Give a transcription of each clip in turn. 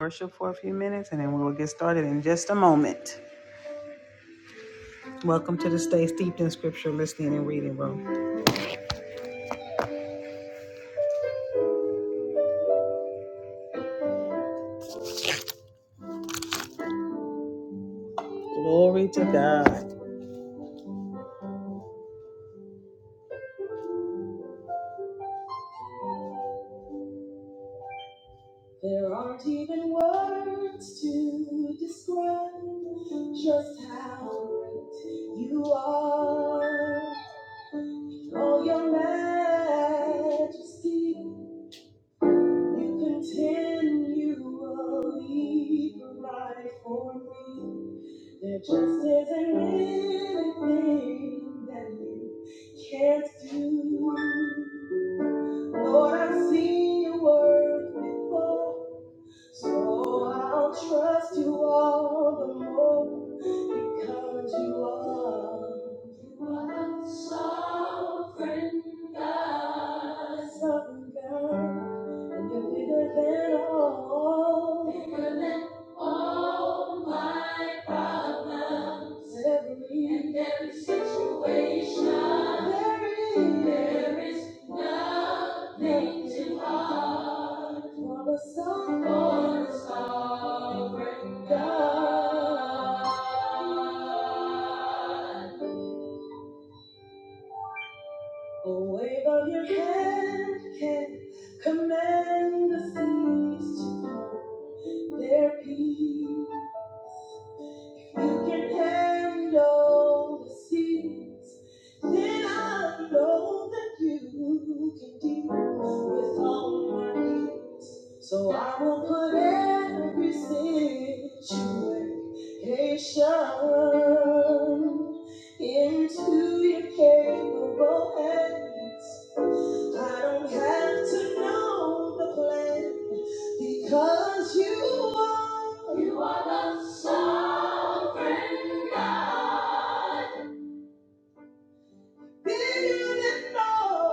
worship for a few minutes and then we will get started in just a moment. Welcome to the Stay Steeped in Scripture Listening and Reading Room. Glory to God. There aren't even words to describe just how great you are. Oh, your majesty. You contend, you will lead right for me. There just isn't anything that you can't do. Lord, I've seen your work before, so I'll trust you all the more because you are. sovereign sovereign God, and you're bigger than all. Bigger than all my problems. Every and every situation. There is, nothing too hard for the sovereign, for the sovereign God. A wave of your hand can command the seas to find their peace. You can handle the seas. Then I know that you can deal with all my needs. So I will put every situation into your capable hands. I don't have to know the plan because you are. You are the sovereign. Bigger than all.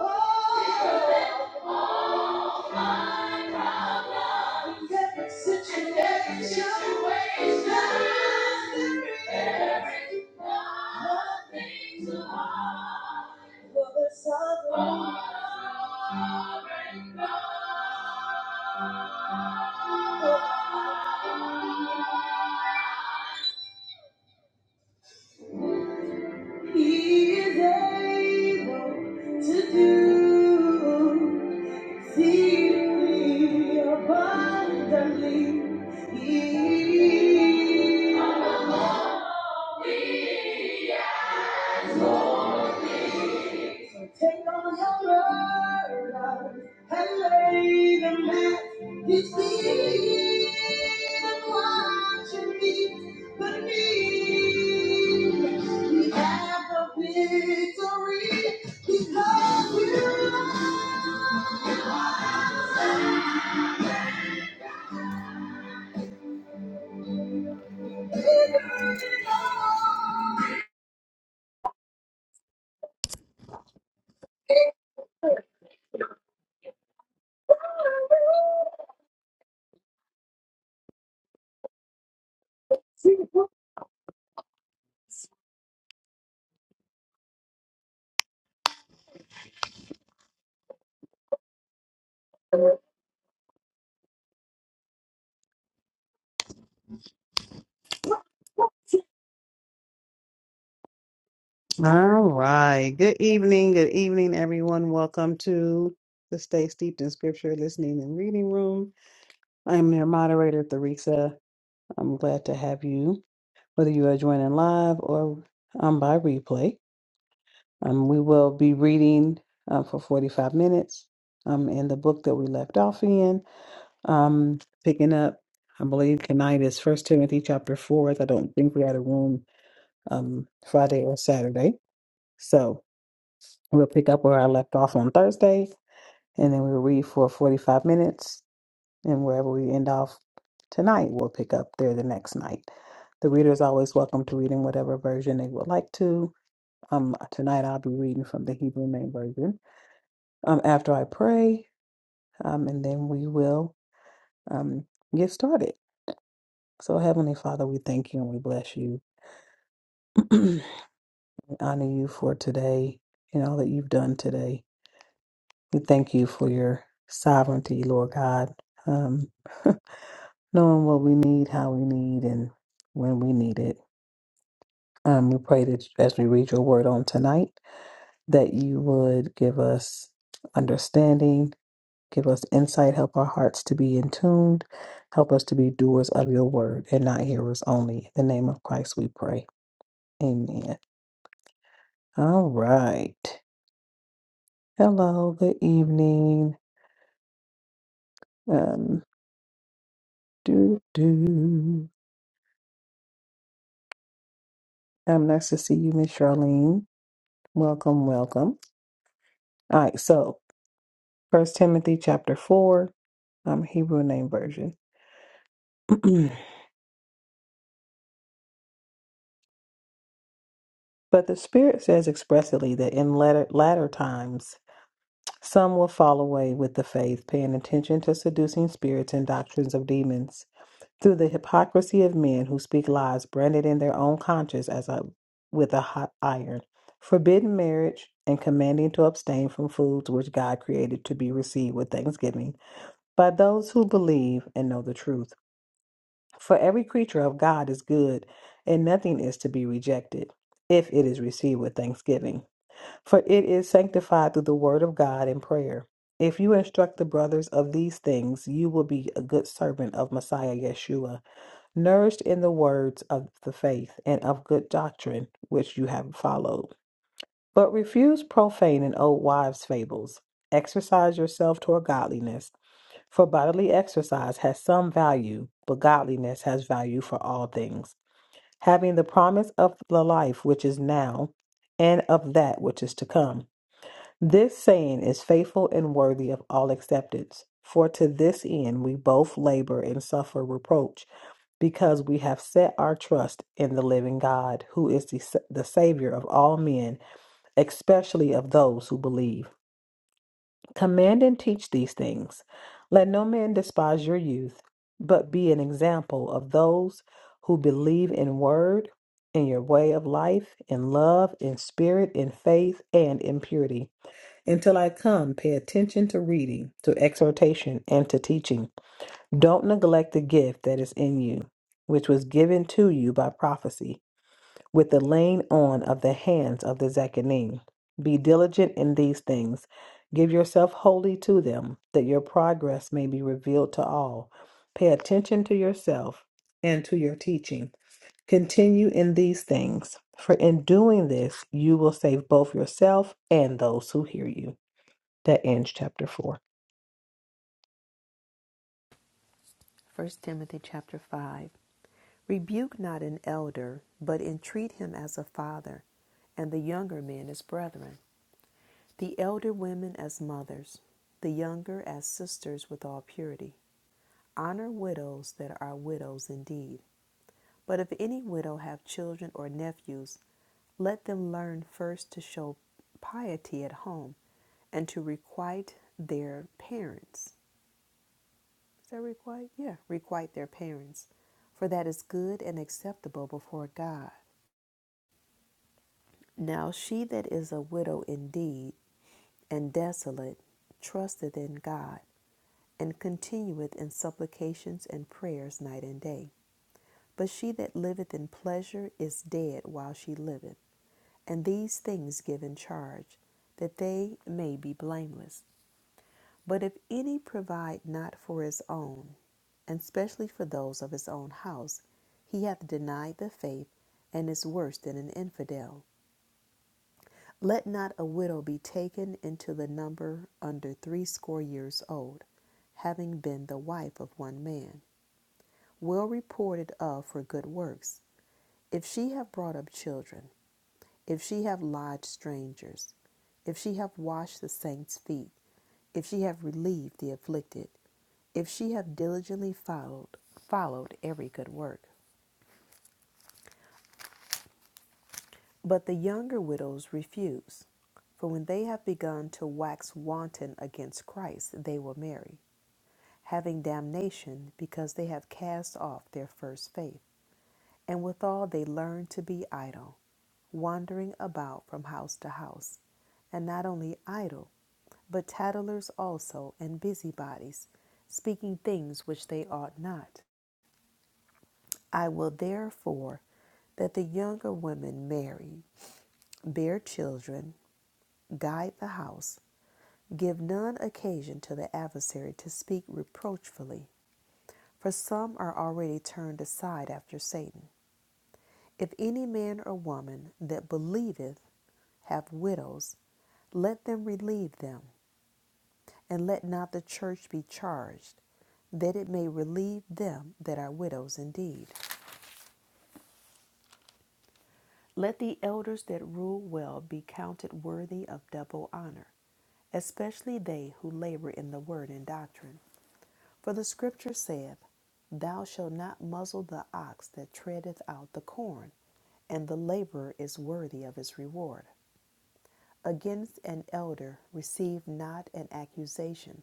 Bigger than all. In every situation. In every situation. There is nothing too hard. For the sovereign. For the sovereign God. He is able to do exceedingly abundantly. He- So take on your burdens and lay them at His feet and watch Him meet the need. We have the victory because you. are bigger. All right. Good evening. Good evening, everyone. Welcome to the Stay Steeped in Scripture Listening and Reading Room. I am your moderator, Theresa. I'm glad to have you, whether you are joining live or um, by replay. Um, we will be reading uh, for 45 minutes um, in the book that we left off in, um, picking up. I believe tonight is First Timothy chapter four. I don't think we had a room um, Friday or Saturday, so We'll pick up where I left off on Thursday, and then we'll read for 45 minutes. And wherever we end off tonight, we'll pick up there the next night. The reader is always welcome to read in whatever version they would like to. Um, tonight, I'll be reading from the Hebrew Name Version um, after I pray, um, and then we will um, get started. So, Heavenly Father, we thank you and we bless you. we honor you for today and all that you've done today. We thank you for your sovereignty, Lord God, um, knowing what we need, how we need, and when we need it. Um, we pray that as we read your word on tonight, that you would give us understanding, give us insight, help our hearts to be in tune, help us to be doers of your word and not hearers only. In the name of Christ we pray. Amen. All right. Hello, good evening. Um, do do. Um, nice to see you, Miss Charlene. Welcome, welcome. All right, so First Timothy chapter four, um, Hebrew name version. but the Spirit says expressly that in latter, latter times some will fall away with the faith, paying attention to seducing spirits and doctrines of demons through the hypocrisy of men who speak lies branded in their own conscience as a with a hot iron, forbidding marriage and commanding to abstain from foods which God created to be received with thanksgiving by those who believe and know the truth. For every creature of God is good, and nothing is to be rejected, if it is received with thanksgiving. For it is sanctified through the word of God and prayer. If you instruct the brothers of these things, you will be a good servant of Messiah Yeshua, nourished in the words of the faith and of good doctrine which you have followed. But refuse profane and old wives' fables. Exercise yourself toward godliness for bodily exercise has some value, but godliness has value for all things, having the promise of the life which is now and of that which is to come. This saying is faithful and worthy of all acceptance. For to this end we both labor and suffer reproach, because we have set our trust in the living God, who is the, the Savior of all men, especially of those who believe. Command and teach these things. Let no man despise your youth, but be an example of those who believe in word, in your way of life, in love, in spirit, in faith, and in purity. Until I come, pay attention to reading, to exhortation, and to teaching. Don't neglect the gift that is in you, which was given to you by prophecy with the laying on of the hands of the Zechanim. Be diligent in these things. Give yourself wholly to them, that your progress may be revealed to all. Pay attention to yourself and to your teaching. Continue in these things, for in doing this, you will save both yourself and those who hear you. That ends chapter 4. First Timothy chapter 5. Rebuke not an elder, but entreat him as a father, and the younger men as brethren, the elder women as mothers, the younger as sisters with all purity. Honor widows that are widows indeed. But if any widow have children or nephews, let them learn first to show piety at home and to requite their parents. Is that requite? Yeah, requite their parents, for that is good and acceptable before God. Now she that is a widow indeed and desolate trusteth in God, and continueth in supplications and prayers night and day. But she that liveth in pleasure is dead while she liveth, and these things give in charge, that they may be blameless. But if any provide not for his own, and especially for those of his own house. He hath denied the faith and is worse than an infidel. Let not a widow be taken into the number under threescore years old, having been the wife of one man, well reported of for good works. If she have brought up children, if she have lodged strangers, if she have washed the saints' feet, if she have relieved the afflicted, if she have diligently followed followed every good work, But the younger widows refuse, for when they have begun to wax wanton against Christ, they will marry, having damnation, because they have cast off their first faith. And withal they learn to be idle, wandering about from house to house, and not only idle, but tattlers also, and busybodies, speaking things which they ought not. I will therefore that the younger women marry, bear children, guide the house, Give none occasion to the adversary to speak reproachfully, for some are already turned aside after Satan. If any man or woman that believeth have widows, let them relieve them, and let not the church be charged, that it may relieve them that are widows indeed. Let the elders that rule well be counted worthy of double honor, especially they who labor in the word and doctrine. For the scripture saith, Thou shalt not muzzle the ox that treadeth out the corn, and the laborer is worthy of his reward. Against an elder receive not an accusation,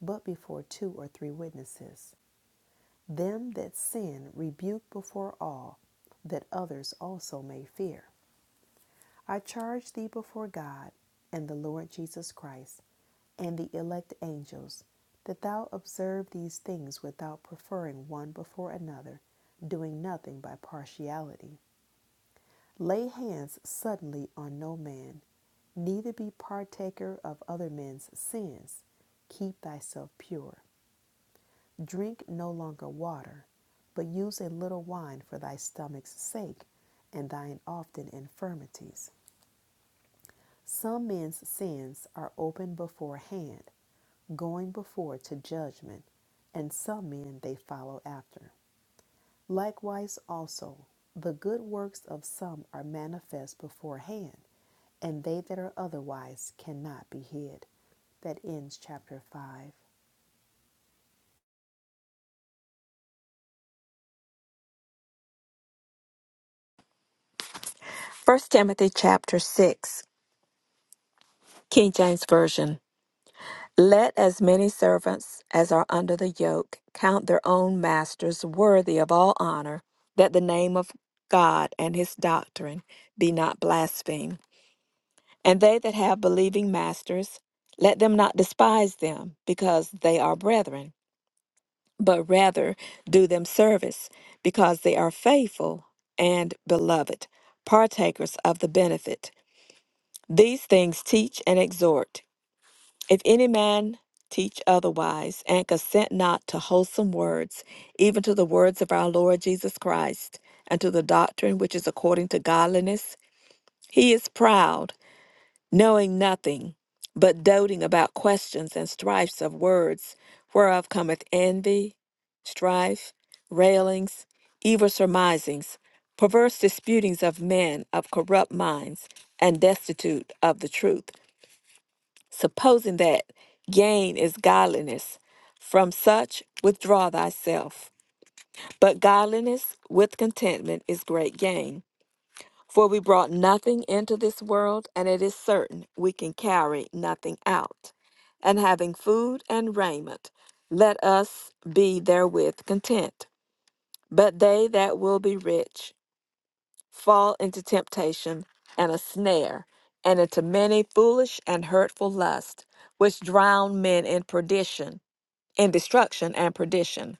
but before two or three witnesses. Them that sin rebuke before all, that others also may fear. I charge thee before God and the Lord Jesus Christ and the elect angels that thou observe these things without preferring one before another, doing nothing by partiality. Lay hands suddenly on no man, neither be partaker of other men's sins. Keep thyself pure. Drink no longer water, but use a little wine for thy stomach's sake and thine often infirmities. Some men's sins are open beforehand, going before to judgment, and some men they follow after. Likewise also, the good works of some are manifest beforehand, and they that are otherwise cannot be hid. That ends chapter 5. First Timothy chapter 6, King James Version. Let as many servants as are under the yoke count their own masters worthy of all honor, that the name of God and his doctrine be not blasphemed. And they that have believing masters, let them not despise them, because they are brethren, but rather do them service, because they are faithful and beloved, partakers of the benefit. These things teach and exhort. If any man teach otherwise, and consent not to wholesome words, even to the words of our Lord Jesus Christ, and to the doctrine which is according to godliness, he is proud, knowing nothing, but doting about questions and strifes of words, whereof cometh envy, strife, railings, evil surmisings, perverse disputings of men of corrupt minds, and destitute of the truth supposing that gain is godliness. From such withdraw thyself. But godliness with contentment is great gain. For we brought nothing into this world, and it is certain we can carry nothing out. And having food and raiment, let us be therewith content. But they that will be rich, fall into temptation and a snare, and into many foolish and hurtful lusts, which drown men in perdition, in destruction and perdition.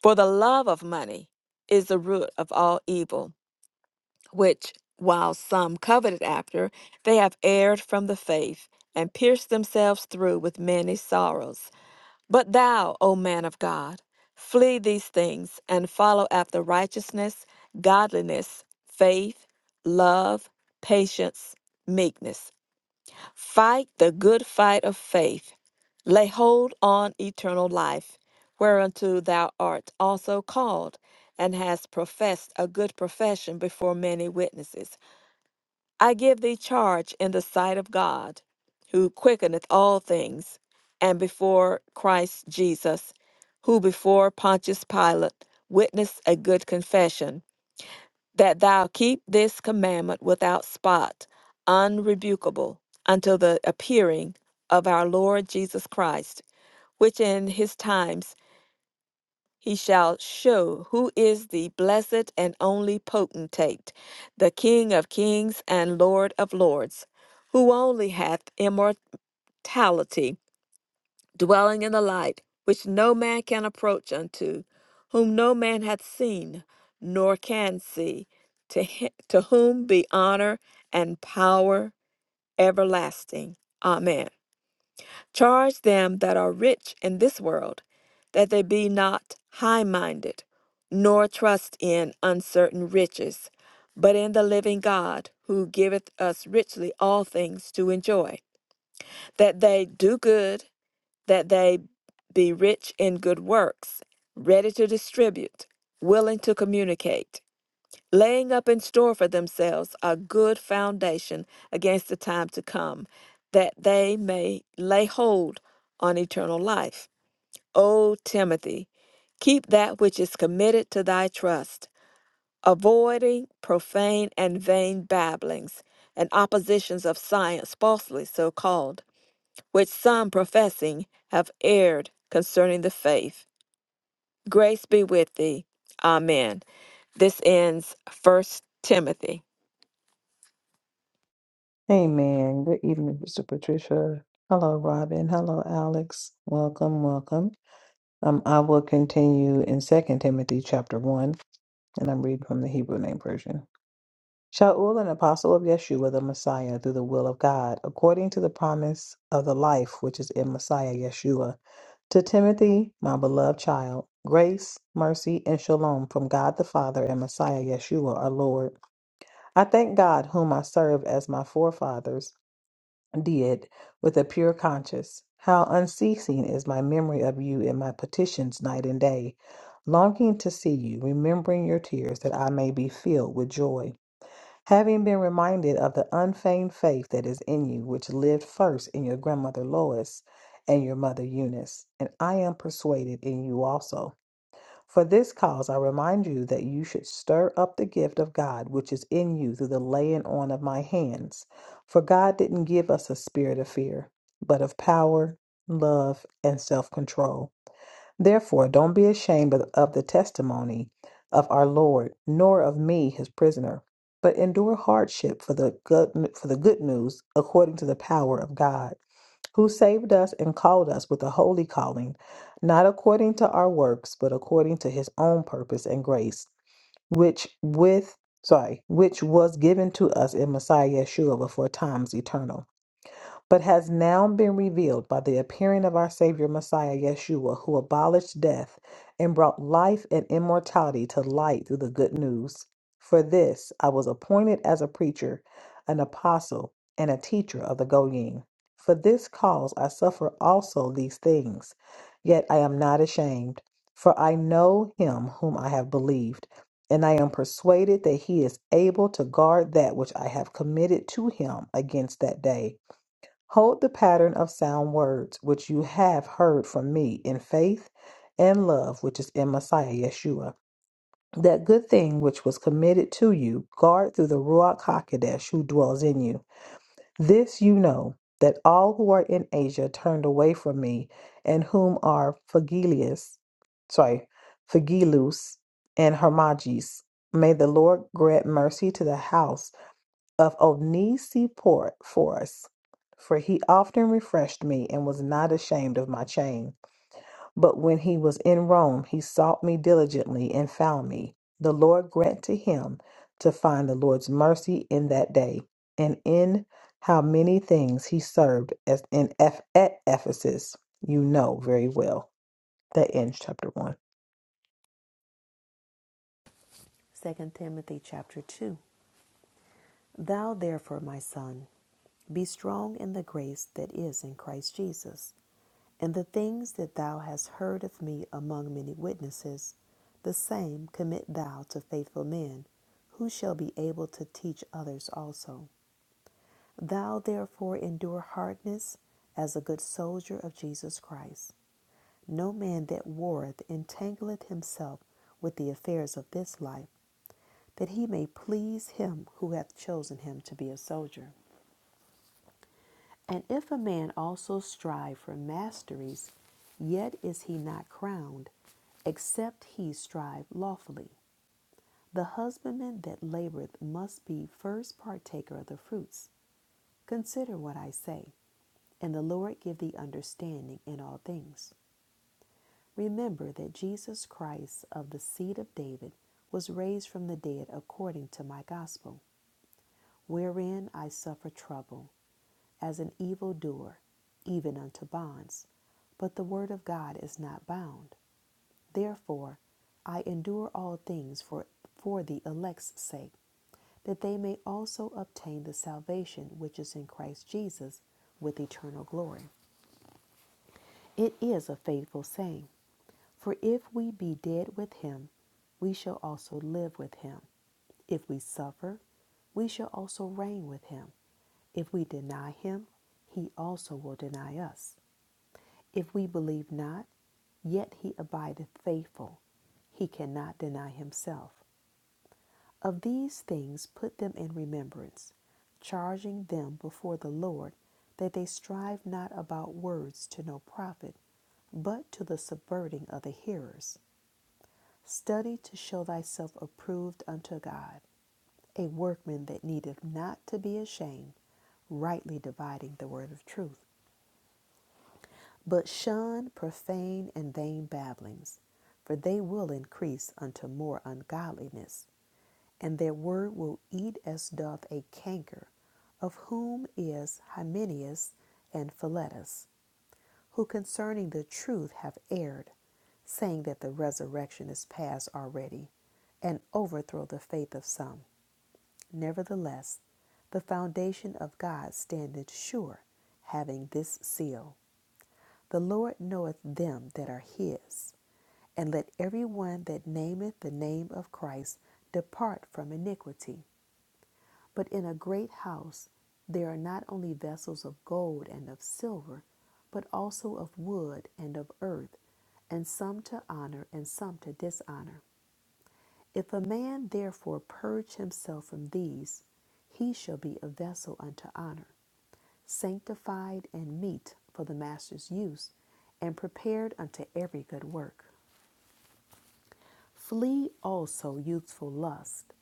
For the love of money is the root of all evil, which, while some coveted after, they have erred from the faith, and pierced themselves through with many sorrows. But thou, O man of God, flee these things and follow after righteousness, godliness, faith, love, patience, meekness. Fight the good fight of faith. Lay hold on eternal life, whereunto thou art also called, and hast professed a good profession before many witnesses. I give thee charge in the sight of God, who quickeneth all things, and before Christ Jesus, who before Pontius Pilate witnessed a good confession, that thou keep this commandment without spot, unrebukable, until the appearing of our Lord Jesus Christ, which in his times he shall show who is the blessed and only potentate, the King of kings and Lord of lords, who only hath immortality, dwelling in the light, which no man can approach unto, whom no man hath seen, nor can see, to, hi- to whom be honor and power everlasting. Amen. Charge them that are rich in this world that they be not high minded, nor trust in uncertain riches, but in the living God, who giveth us richly all things to enjoy, that they do good, that they be rich in good works, ready to distribute, willing to communicate laying up in store for themselves a good foundation against the time to come, that they may lay hold on eternal life. O Timothy, keep that which is committed to thy trust, avoiding profane and vain babblings and oppositions of science falsely so called, which some professing have erred concerning the faith. Grace be with thee. Amen. This ends First Timothy. Amen. Good evening, Mr. Patricia. Hello, Robin. Hello, Alex. Welcome, welcome. Um, I will continue in Second Timothy chapter one, and I'm reading from the Hebrew Name Version. Shaul, an apostle of Yeshua the Messiah, through the will of God, according to the promise of the life which is in Messiah Yeshua, to Timothy, my beloved child, grace, mercy, and shalom from God the Father and Messiah Yeshua our Lord. I thank God, whom I serve as my forefathers did with a pure conscience. How unceasing is my memory of you in my petitions night and day, longing to see you, remembering your tears, that I may be filled with joy. Having been reminded of the unfeigned faith that is in you, which lived first in your grandmother Lois and your mother Eunice, and I am persuaded in you also. For this cause I remind you that you should stir up the gift of God which is in you through the laying on of my hands. For God didn't give us a spirit of fear, but of power, love, and self control. Therefore, don't be ashamed of of the testimony of our Lord, nor of me, his prisoner, but endure hardship for the good, for the good news according to the power of God, who saved us and called us with a holy calling, not according to our works, but according to his own purpose and grace, which with sorry, which was given to us in Messiah Yeshua before times eternal but has now been revealed by the appearing of our Savior Messiah Yeshua, who abolished death and brought life and immortality to light through the good news. For this I was appointed as a preacher, an apostle, and a teacher of the Goyim. For this cause I suffer also these things, yet I am not ashamed, for I know him whom I have believed, and I am persuaded that he is able to guard that which I have committed to him against that day. Hold the pattern of sound words which you have heard from me in faith and love which is in Messiah Yeshua. That good thing which was committed to you, guard through the Ruach HaKodesh who dwells in you. This you know, that all who are in Asia turned away from me, and whom are Phygelius, sorry, Phygelus and Hermogenes. May the Lord grant mercy to the house of Onesi port for us, for he often refreshed me and was not ashamed of my chain. But when he was in Rome, he sought me diligently and found me. The Lord grant to him to find the Lord's mercy in that day, and in how many things he served as in Eph- at Ephesus, you know very well. That ends chapter one. 2 Timothy chapter 2. Thou therefore, my son, be strong in the grace that is in Christ Jesus. And the things that thou hast heard of me among many witnesses, the same commit thou to faithful men, who shall be able to teach others also. Thou therefore endure hardness as a good soldier of Jesus Christ. No man that warreth entangleth himself with the affairs of this life, that he may please him who hath chosen him to be a soldier. And if a man also strive for masteries, yet is he not crowned, except he strive lawfully. The husbandman that laboreth must be first partaker of the fruits. Consider what I say, and the Lord give thee understanding in all things. Remember that Jesus Christ of the seed of David was raised from the dead according to my gospel, wherein I suffer trouble as an evildoer, even unto bonds. But the word of God is not bound. Therefore, I endure all things for, for the elect's sake, that they may also obtain the salvation which is in Christ Jesus with eternal glory. It is a faithful saying, for if we be dead with him, we shall also live with him. If we suffer, we shall also reign with him. If we deny him, he also will deny us. If we believe not, yet he abideth faithful. He cannot deny himself. Of these things put them in remembrance, charging them before the Lord that they strive not about words to no profit, but to the subverting of the hearers. Study to show thyself approved unto God, a workman that needeth not to be ashamed, rightly dividing the word of truth. But shun profane and vain babblings, for they will increase unto more ungodliness, and their word will eat as doth a canker, of whom is Hymenius and Philetus, who concerning the truth have erred, saying that the resurrection is past already, and overthrow the faith of some. Nevertheless, the foundation of God standeth sure, having this seal. The Lord knoweth them that are his. And let every one that nameth the name of Christ depart from iniquity. But in a great house there are not only vessels of gold and of silver, but also of wood and of earth, and some to honor and some to dishonor. If a man therefore purge himself from these, he shall be a vessel unto honor sanctified and meet for the master's use, and prepared unto every good work. Flee also youthful lust,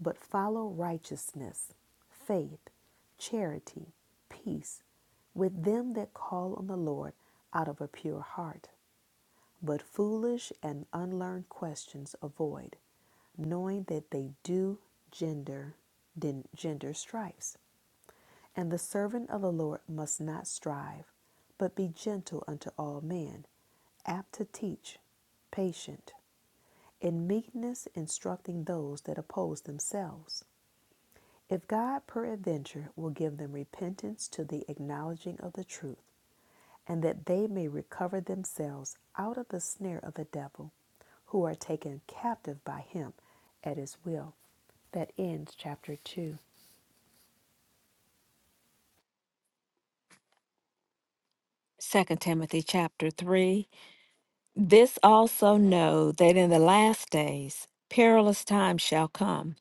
but follow righteousness, faith, charity, peace, with them that call on the Lord out of a pure heart. But foolish and unlearned questions avoid, knowing that they do gender, gender strifes. And the servant of the Lord must not strive, but be gentle unto all men, apt to teach, patient, in meekness instructing those that oppose themselves. If God peradventure will give them repentance to the acknowledging of the truth, and that they may recover themselves out of the snare of the devil, who are taken captive by him at his will. That ends chapter 2. Second Timothy chapter 3. This also know that in the last days perilous times shall come.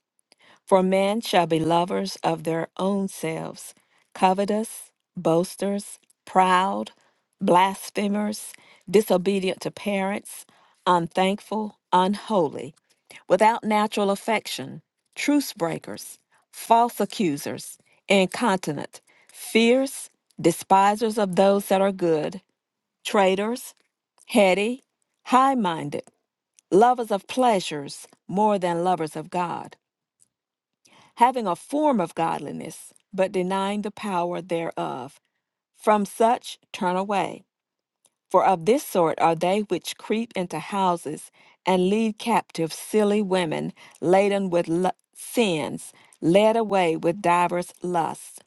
For men shall be lovers of their own selves, covetous, boasters, proud, blasphemers, disobedient to parents, unthankful, unholy, without natural affection, truce breakers, false accusers, incontinent, fierce, despisers of those that are good traitors, heady, high minded, lovers of pleasures more than lovers of God, having a form of godliness, but denying the power thereof. From such turn away. For of this sort are they which creep into houses and lead captive silly women laden with lu- sins, led away with divers lusts,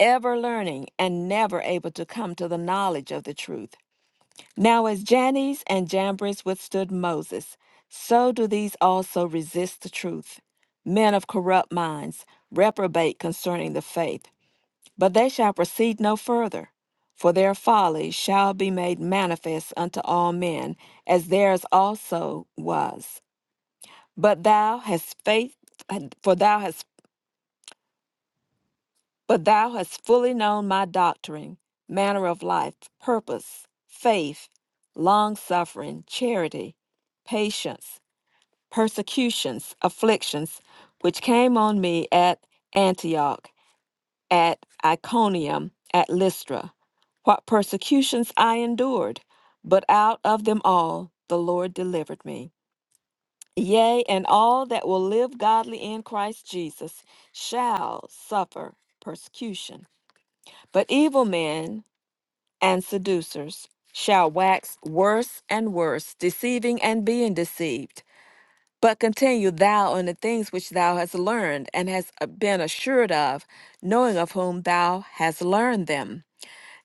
ever learning and never able to come to the knowledge of the truth. Now, as Jannes and Jambres withstood Moses, so do these also resist the truth. Men of corrupt minds, reprobate concerning the faith, but they shall proceed no further. For their folly shall be made manifest unto all men, as theirs also was. But thou hast faith, for thou hast But thou hast fully known my doctrine, manner of life, purpose, faith, long suffering, charity, patience, persecutions, afflictions, which came on me at Antioch, at Iconium, at Lystra. What persecutions I endured, but out of them all the Lord delivered me. Yea, and all that will live godly in Christ Jesus shall suffer persecution. But evil men and seducers shall wax worse and worse, deceiving and being deceived. But continue thou in the things which thou hast learned and hast uh, been assured of, knowing of whom thou hast learned them,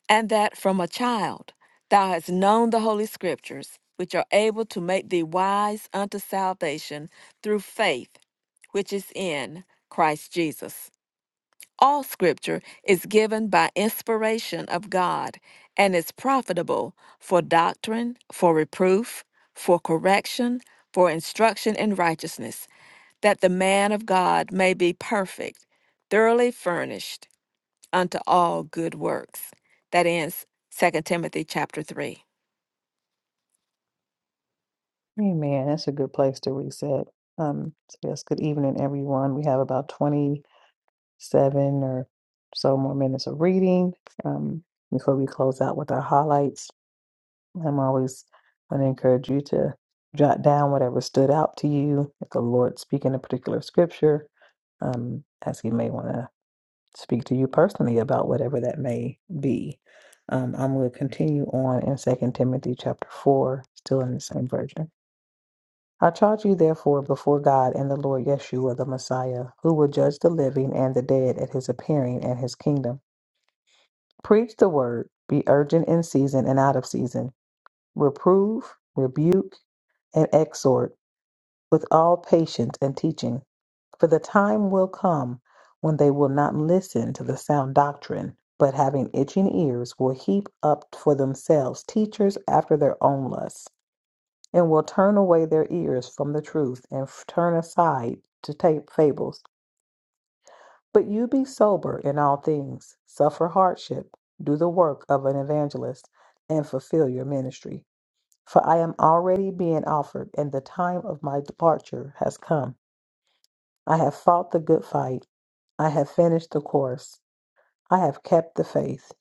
and that from a child thou hast known the holy scriptures, which are able to make thee wise unto salvation through faith which is in Christ Jesus. All scripture is given by inspiration of God and is profitable for doctrine, for reproof, for correction, for instruction in righteousness, that the man of God may be perfect, thoroughly furnished unto all good works. That ends Second Timothy chapter 3. Amen. That's a good place to reset. Um, so yes, good evening, everyone. We have about 27 or so more minutes of reading um, before we close out with our highlights. I'm always going to encourage you to jot down whatever stood out to you. If the Lord speak in a particular scripture, um, as He may want to speak to you personally about whatever that may be. Um, I'm going to continue on in Second Timothy chapter four, still in the same version. I charge you therefore before God and the Lord Yeshua the Messiah, who will judge the living and the dead at His appearing and His kingdom. Preach the word. Be urgent in season and out of season. Reprove, rebuke and exhort with all patience and teaching. For the time will come when they will not listen to the sound doctrine, but having itching ears will heap up for themselves teachers after their own lusts, and will turn away their ears from the truth and f- turn aside to tape fables. But you be sober in all things, suffer hardship, do the work of an evangelist, and fulfill your ministry. For I am already being offered, and the time of my departure has come. I have fought the good fight. I have finished the course. I have kept the faith.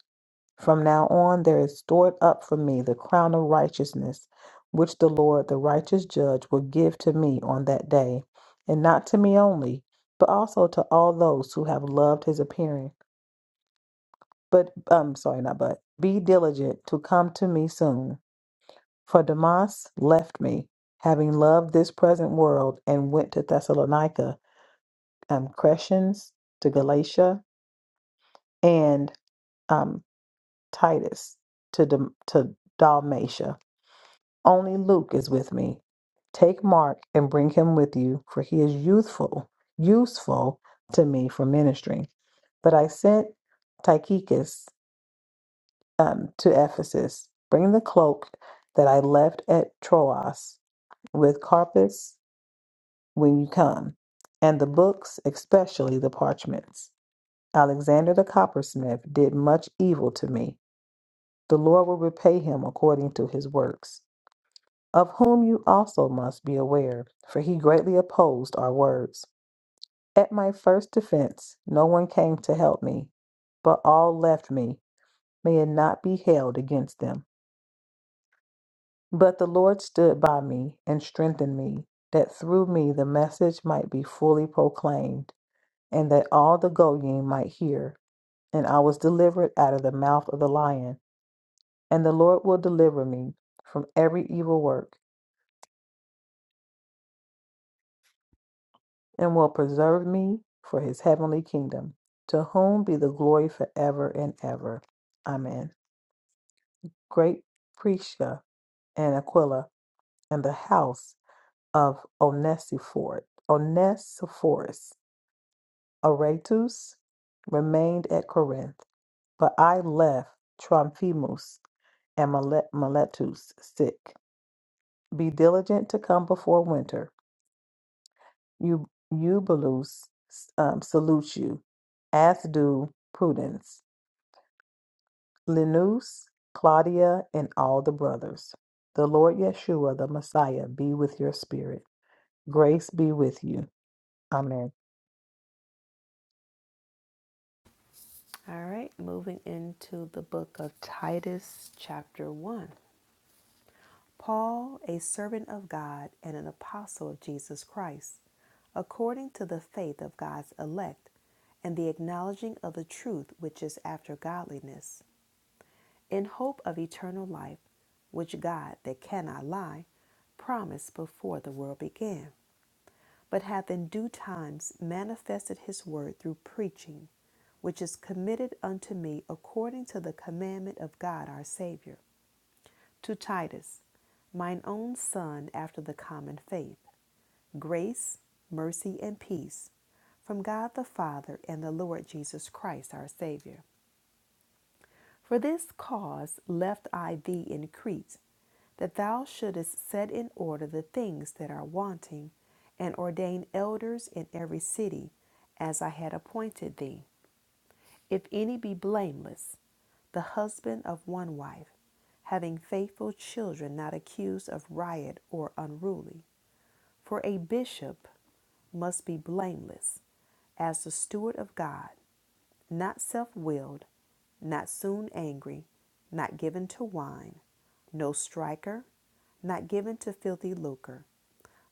From now on, there is stored up for me the crown of righteousness, which the Lord, the righteous judge, will give to me on that day, and not to me only, but also to all those who have loved his appearing. But, um, sorry, not but, be diligent to come to me soon. For Demas left me, having loved this present world, and went to Thessalonica, and Crescens to Galatia and um, Titus to Dal- to Dalmatia. Only Luke is with me. Take Mark and bring him with you, for he is youthful, useful to me for ministry. But I sent Tychicus um, to Ephesus. Bring the cloak that I left at Troas with Carpus when you come, and the books, especially the parchments. Alexander the coppersmith did much evil to me. The Lord will repay him according to his works, of whom you also must be aware, for he greatly opposed our words. At my first defense, no one came to help me, but all left me. May it not be held against them. But the Lord stood by me and strengthened me, that through me the message might be fully proclaimed, and that all the Goyim might hear. And I was delivered out of the mouth of the lion. And the Lord will deliver me from every evil work. and will preserve me for his heavenly kingdom. To whom be the glory forever and ever. Amen. Great Prisca and Aquila and the house of Onesiphor- Onesiphorus, Aretus remained at Corinth, but I left Trophimus and Mile- Miletus sick. Be diligent to come before winter. You, Eubulus um, salutes you, as do Prudence. Linus, Claudia, and all the brothers. The Lord Yeshua, the Messiah, be with your spirit. Grace be with you. Amen. All right, moving into the book of Titus, chapter 1. Paul, a servant of God and an apostle of Jesus Christ, according to the faith of God's elect and the acknowledging of the truth which is after godliness, in hope of eternal life, which God, that cannot lie, promised before the world began but hath in due times manifested his word through preaching, which is committed unto me according to the commandment of God our Savior. To Titus, mine own son after the common faith, grace, mercy, and peace from God the Father and the Lord Jesus Christ our Savior. For this cause left I thee in Crete that thou shouldest set in order the things that are wanting, and ordain elders in every city, as I had appointed thee. If any be blameless, the husband of one wife, having faithful children not accused of riot or unruly. For a bishop must be blameless, as the steward of God, not self willed, not soon angry, not given to wine, no striker, not given to filthy lucre,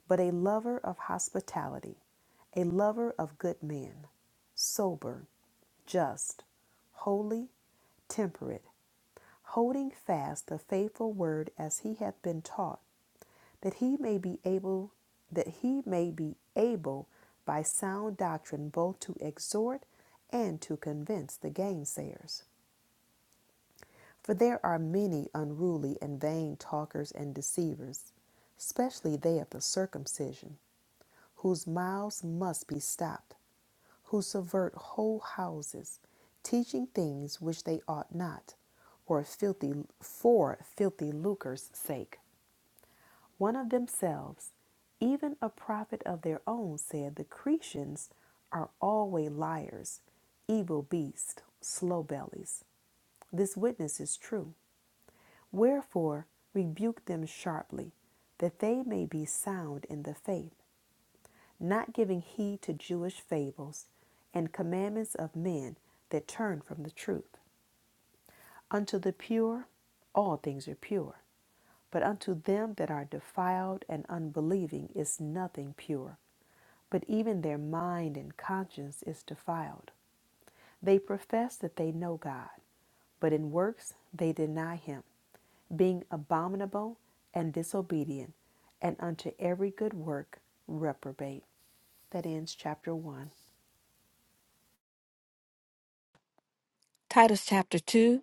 but a lover of hospitality, a lover of good men, sober, just, holy, temperate, holding fast the faithful word as he hath been taught, that he may be able that he may be able by sound doctrine both to exhort and to convince the gainsayers. For there are many unruly and vain talkers and deceivers, especially they of the circumcision, whose mouths must be stopped, who subvert whole houses, teaching things which they ought not, or filthy for filthy lucre's sake. One of themselves, even a prophet of their own, said the Cretians are always liars, evil beasts, slow bellies. This witness is true. Wherefore rebuke them sharply, that they may be sound in the faith, not giving heed to Jewish fables and commandments of men that turn from the truth. Unto the pure, all things are pure, but unto them that are defiled and unbelieving is nothing pure, but even their mind and conscience is defiled. They profess that they know God, but in works they deny him, being abominable and disobedient, and unto every good work reprobate. That ends chapter one. Titus chapter 2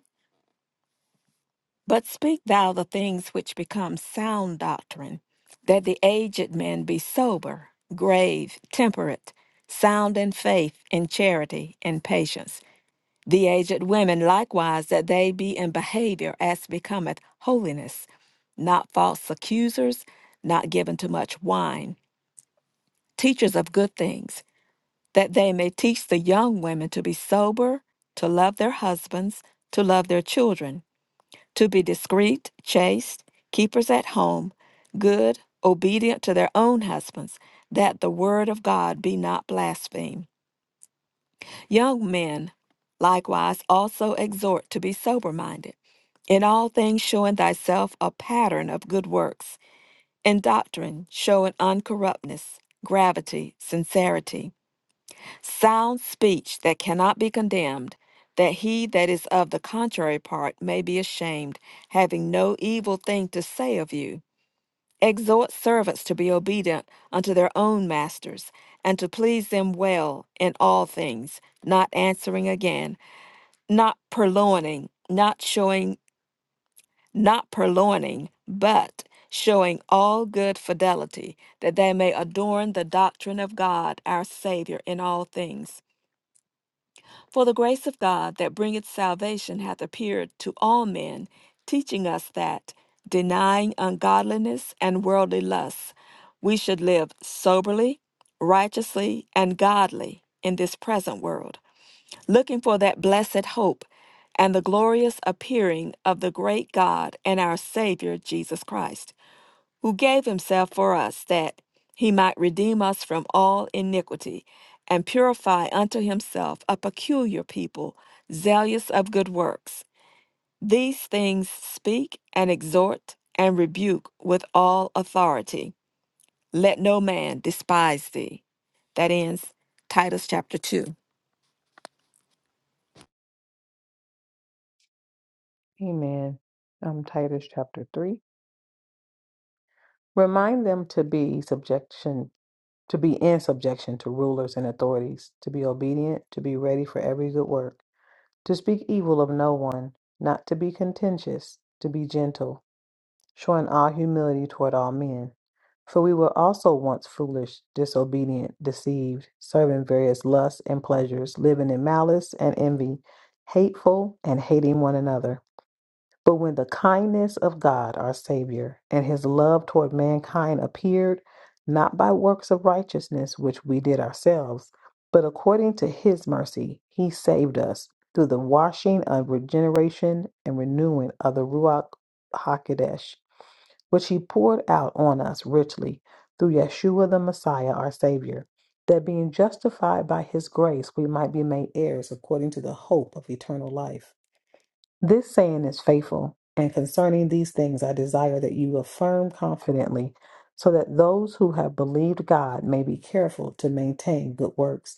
But speak thou the things which become sound doctrine, that the aged men be sober, grave, temperate, sound in faith, in charity, in patience. The aged women likewise, that they be in behavior as becometh holiness, not false accusers, not given to much wine, teachers of good things, that they may teach the young women to be sober, to love their husbands, to love their children to be discreet, chaste, keepers at home, good, obedient to their own husbands, that the word of God be not blasphemed. Young men likewise also exhort to be sober minded, in all things showing thyself a pattern of good works, in doctrine showing uncorruptness, gravity, sincerity sound speech that cannot be condemned, that he that is of the contrary part may be ashamed, having no evil thing to say of you. Exhort servants to be obedient unto their own masters, and to please them well in all things, not answering again, not purloining, not showing, not purloining, but showing all good fidelity, that they may adorn the doctrine of God our Savior in all things For the grace of God that bringeth salvation hath appeared to all men, teaching us that, denying ungodliness and worldly lusts, we should live soberly, righteously, and godly in this present world, looking for that blessed hope and the glorious appearing of the great God and our Savior Jesus Christ who gave himself for us that he might redeem us from all iniquity and purify unto himself a peculiar people zealous of good works these things speak and exhort and rebuke with all authority let no man despise thee that ends titus chapter 2 Amen. Um, Titus chapter 3. Remind them to be subjection, to be in subjection to rulers and authorities, to be obedient, to be ready for every good work, to speak evil of no one, not to be contentious, to be gentle showing all humility toward all men. For we were also once foolish, disobedient, deceived, serving various lusts and pleasures, living in malice and envy, hateful and hating one another. But when the kindness of God, our Savior, and his love toward mankind appeared, not by works of righteousness which we did ourselves, but according to his mercy, he saved us through the washing of regeneration and renewing of the Ruach HaKodesh which he poured out on us richly through Yeshua the Messiah, our Savior, that being justified by his grace, we might be made heirs according to the hope of eternal life. This saying is faithful, and concerning these things I desire that you affirm confidently, so that those who have believed God may be careful to maintain good works.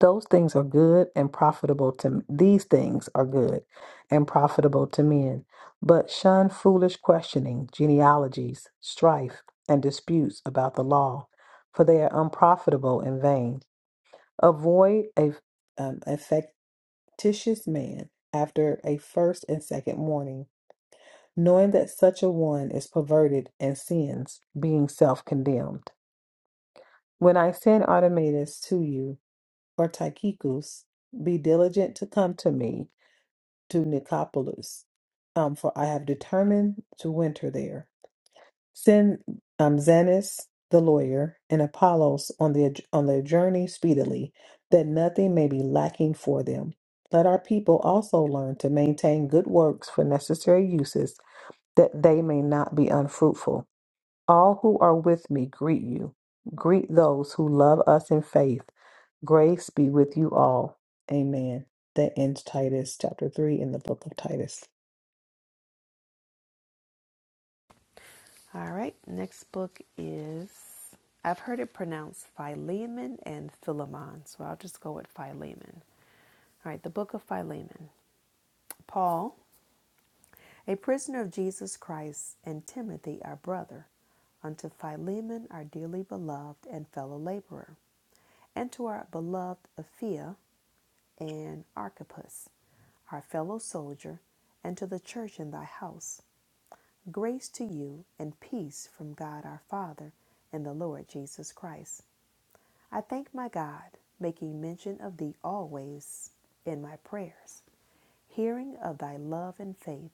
Those things are good and profitable to these things are good and profitable to men. But shun foolish questioning, genealogies, strife, and disputes about the law, for they are unprofitable and vain. Avoid a, um, a factitious man after a first and second warning, knowing that such a one is perverted and sins, being self condemned. When I send Artematus to you, or Tychicus, be diligent to come to me to Nicopolis, um, for I have determined to winter there. Send um, Zenos the lawyer and Apollos on their on their journey speedily, that nothing may be lacking for them. Let our people also learn to maintain good works for necessary uses, that they may not be unfruitful. All who are with me greet you. Greet those who love us in faith. Grace be with you all. Amen. That ends Titus chapter 3 in the book of Titus. All right, next book is, I've heard it pronounced Philemon and Philemon, so I'll just go with Philemon. All right, the book of Philemon. Paul, a prisoner of Jesus Christ, and Timothy, our brother, unto Philemon, our dearly beloved and fellow laborer, and to our beloved Aphia and Archippus our fellow soldier, and to the church in thy house. Grace to you and peace from God our Father and the Lord Jesus Christ. I thank my God, making mention of thee always in my prayers, hearing of thy love and faith,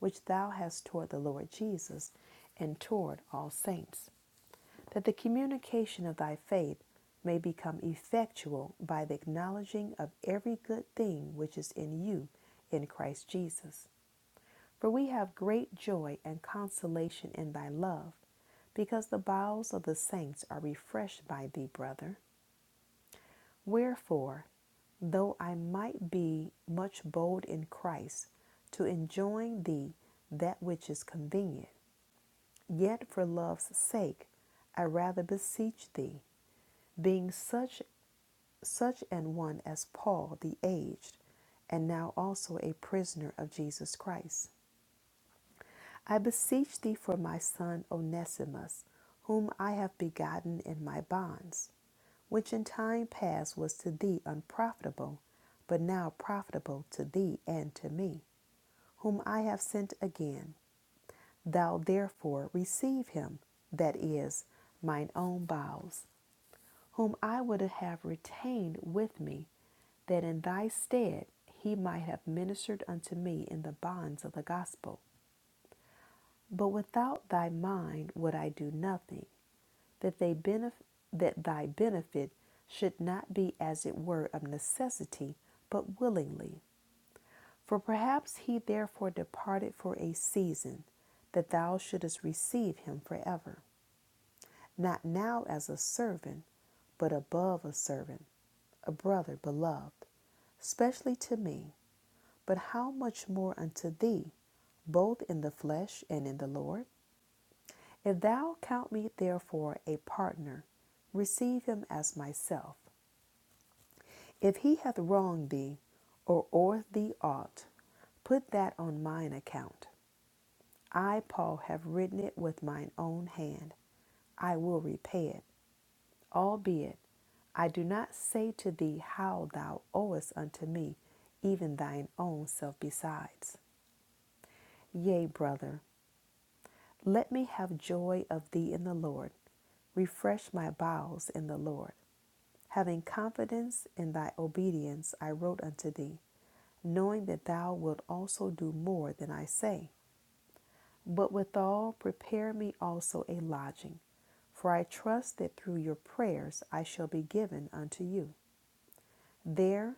which thou hast toward the Lord Jesus and toward all saints, that the communication of thy faith may become effectual by the acknowledging of every good thing which is in you in Christ Jesus. For we have great joy and consolation in thy love, because the bowels of the saints are refreshed by thee, brother. Wherefore, though I might be much bold in Christ to enjoin thee that which is convenient, yet for love's sake I rather beseech thee, being such such an one as Paul the aged, and now also a prisoner of Jesus Christ. I beseech thee for my son Onesimus, whom I have begotten in my bonds, which in time past was to thee unprofitable, but now profitable to thee and to me, whom I have sent again. Thou therefore receive him, that is, mine own bowels, whom I would have retained with me, that in thy stead he might have ministered unto me in the bonds of the gospel. But without thy mind would I do nothing. that they benef- that thy benefit should not be as it were of necessity, but willingly. For perhaps he therefore departed for a season, that thou shouldest receive him forever, not now as a servant, but above a servant, a brother beloved, specially to me, but how much more unto thee, both in the flesh and in the Lord? If thou count me therefore a partner, receive him as myself. If he hath wronged thee, or owed thee aught, put that on mine account. I, Paul, have written it with mine own hand. I will repay it, albeit I do not say to thee how thou owest unto me, even thine own self besides. Yea, brother, let me have joy of thee in the Lord. Refresh my bowels in the Lord. Having confidence in thy obedience, I wrote unto thee. knowing that thou wilt also do more than I say. But withal, prepare me also a lodging, for I trust that through your prayers I shall be given unto you. There,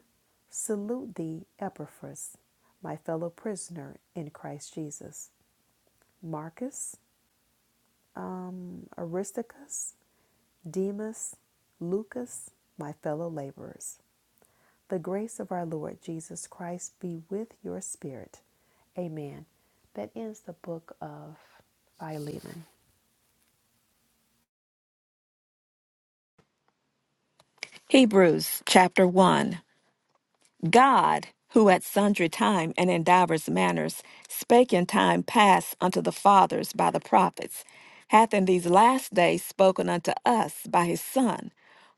salute thee, Epaphras, my fellow prisoner in Christ Jesus, Marcus, um, Aristarchus, Demas, Lucas, my fellow laborers, The grace of our Lord Jesus Christ be with your spirit. Amen. That ends the book of Philemon. hebrews chapter 1 God, who at sundry time and in divers manners spake in time past unto the fathers by the prophets, hath in these last days spoken unto us by his Son,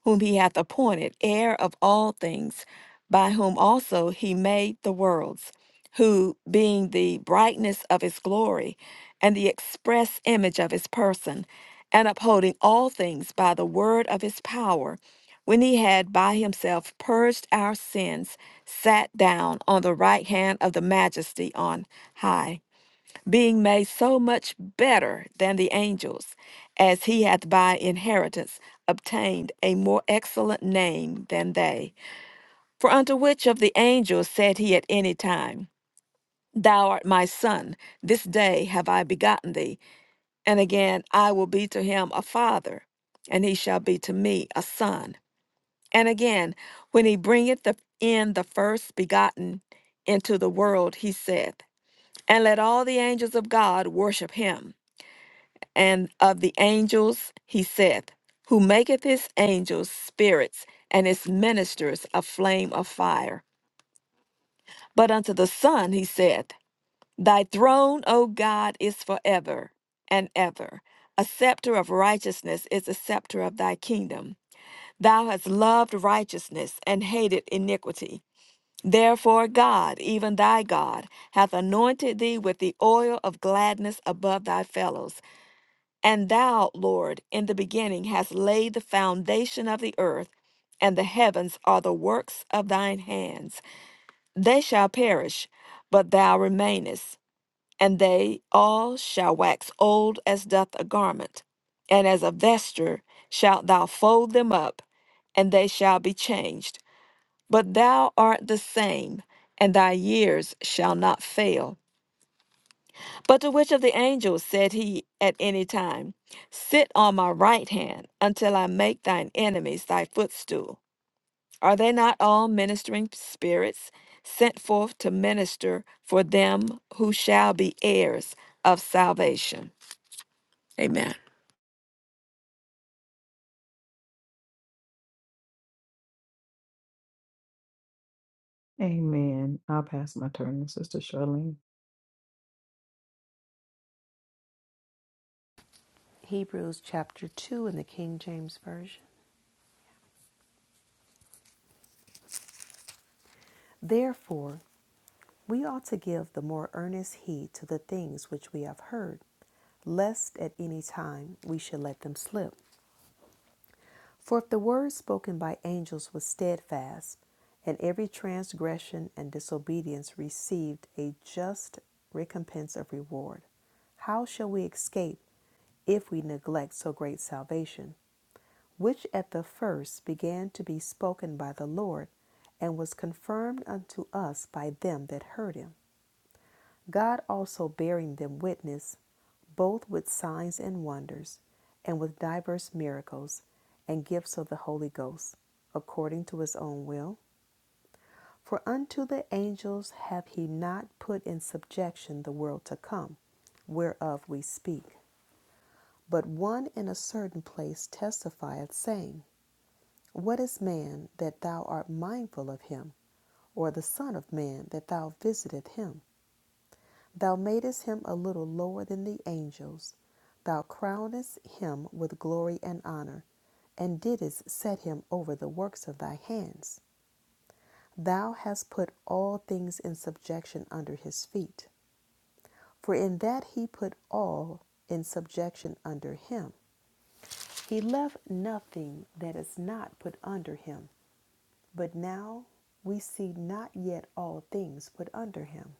whom he hath appointed heir of all things, by whom also he made the worlds, who, being the brightness of his glory, and the express image of his person, and upholding all things by the word of his power, when he had by himself purged our sins, sat down on the right hand of the majesty on high, being made so much better than the angels, as he hath by inheritance obtained a more excellent name than they. For unto which of the angels said he at any time, Thou art my son, this day have I begotten thee, and again I will be to him a father, and he shall be to me a son. And again, when he bringeth the, in the first begotten into the world, he saith, And let all the angels of God worship him. And of the angels, he saith, Who maketh his angels spirits, and his ministers a flame of fire. But unto the Son, he saith, Thy throne, O God, is forever and ever. A scepter of righteousness is a scepter of thy kingdom. Thou hast loved righteousness and hated iniquity. Therefore, God, even thy God, hath anointed thee with the oil of gladness above thy fellows. And thou, Lord, in the beginning hast laid the foundation of the earth, and the heavens are the works of thine hands. They shall perish, but thou remainest, and they all shall wax old as doth a garment. And as a vesture shalt thou fold them up, and they shall be changed. But thou art the same, and thy years shall not fail. But to which of the angels said he at any time, Sit on my right hand until I make thine enemies thy footstool? Are they not all ministering spirits sent forth to minister for them who shall be heirs of salvation? Amen. Amen. I'll pass my turn to Sister Charlene. Hebrews chapter 2 in the King James Version. Therefore, we ought to give the more earnest heed to the things which we have heard, lest at any time we should let them slip. For if the word spoken by angels was steadfast, and every transgression and disobedience received a just recompense of reward, how shall we escape if we neglect so great salvation, which at the first began to be spoken by the Lord, and was confirmed unto us by them that heard him? God also bearing them witness, both with signs and wonders, and with diverse miracles and gifts of the Holy Ghost, according to his own will. For unto the angels hath he not put in subjection the world to come, whereof we speak. But one in a certain place testifieth, saying, What is man that thou art mindful of him, or the Son of man that thou visiteth him? Thou madest him a little lower than the angels. Thou crownest him with glory and honor, and didst set him over the works of thy hands. Thou hast put all things in subjection under his feet. For in that he put all in subjection under him. He left nothing that is not put under him. But now we see not yet all things put under him.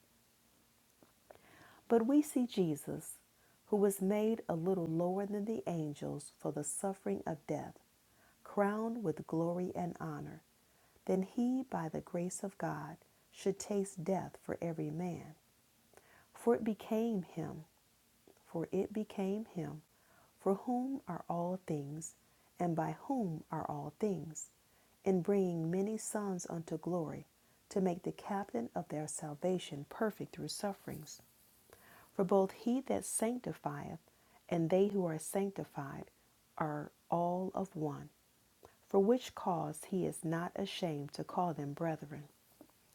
But we see Jesus, who was made a little lower than the angels for the suffering of death, crowned with glory and honor, then he, by the grace of God, should taste death for every man. For it became him, for it became him, for whom are all things, and by whom are all things, in bringing many sons unto glory, to make the captain of their salvation perfect through sufferings. For both he that sanctifieth and they who are sanctified are all of one, for which cause he is not ashamed to call them brethren,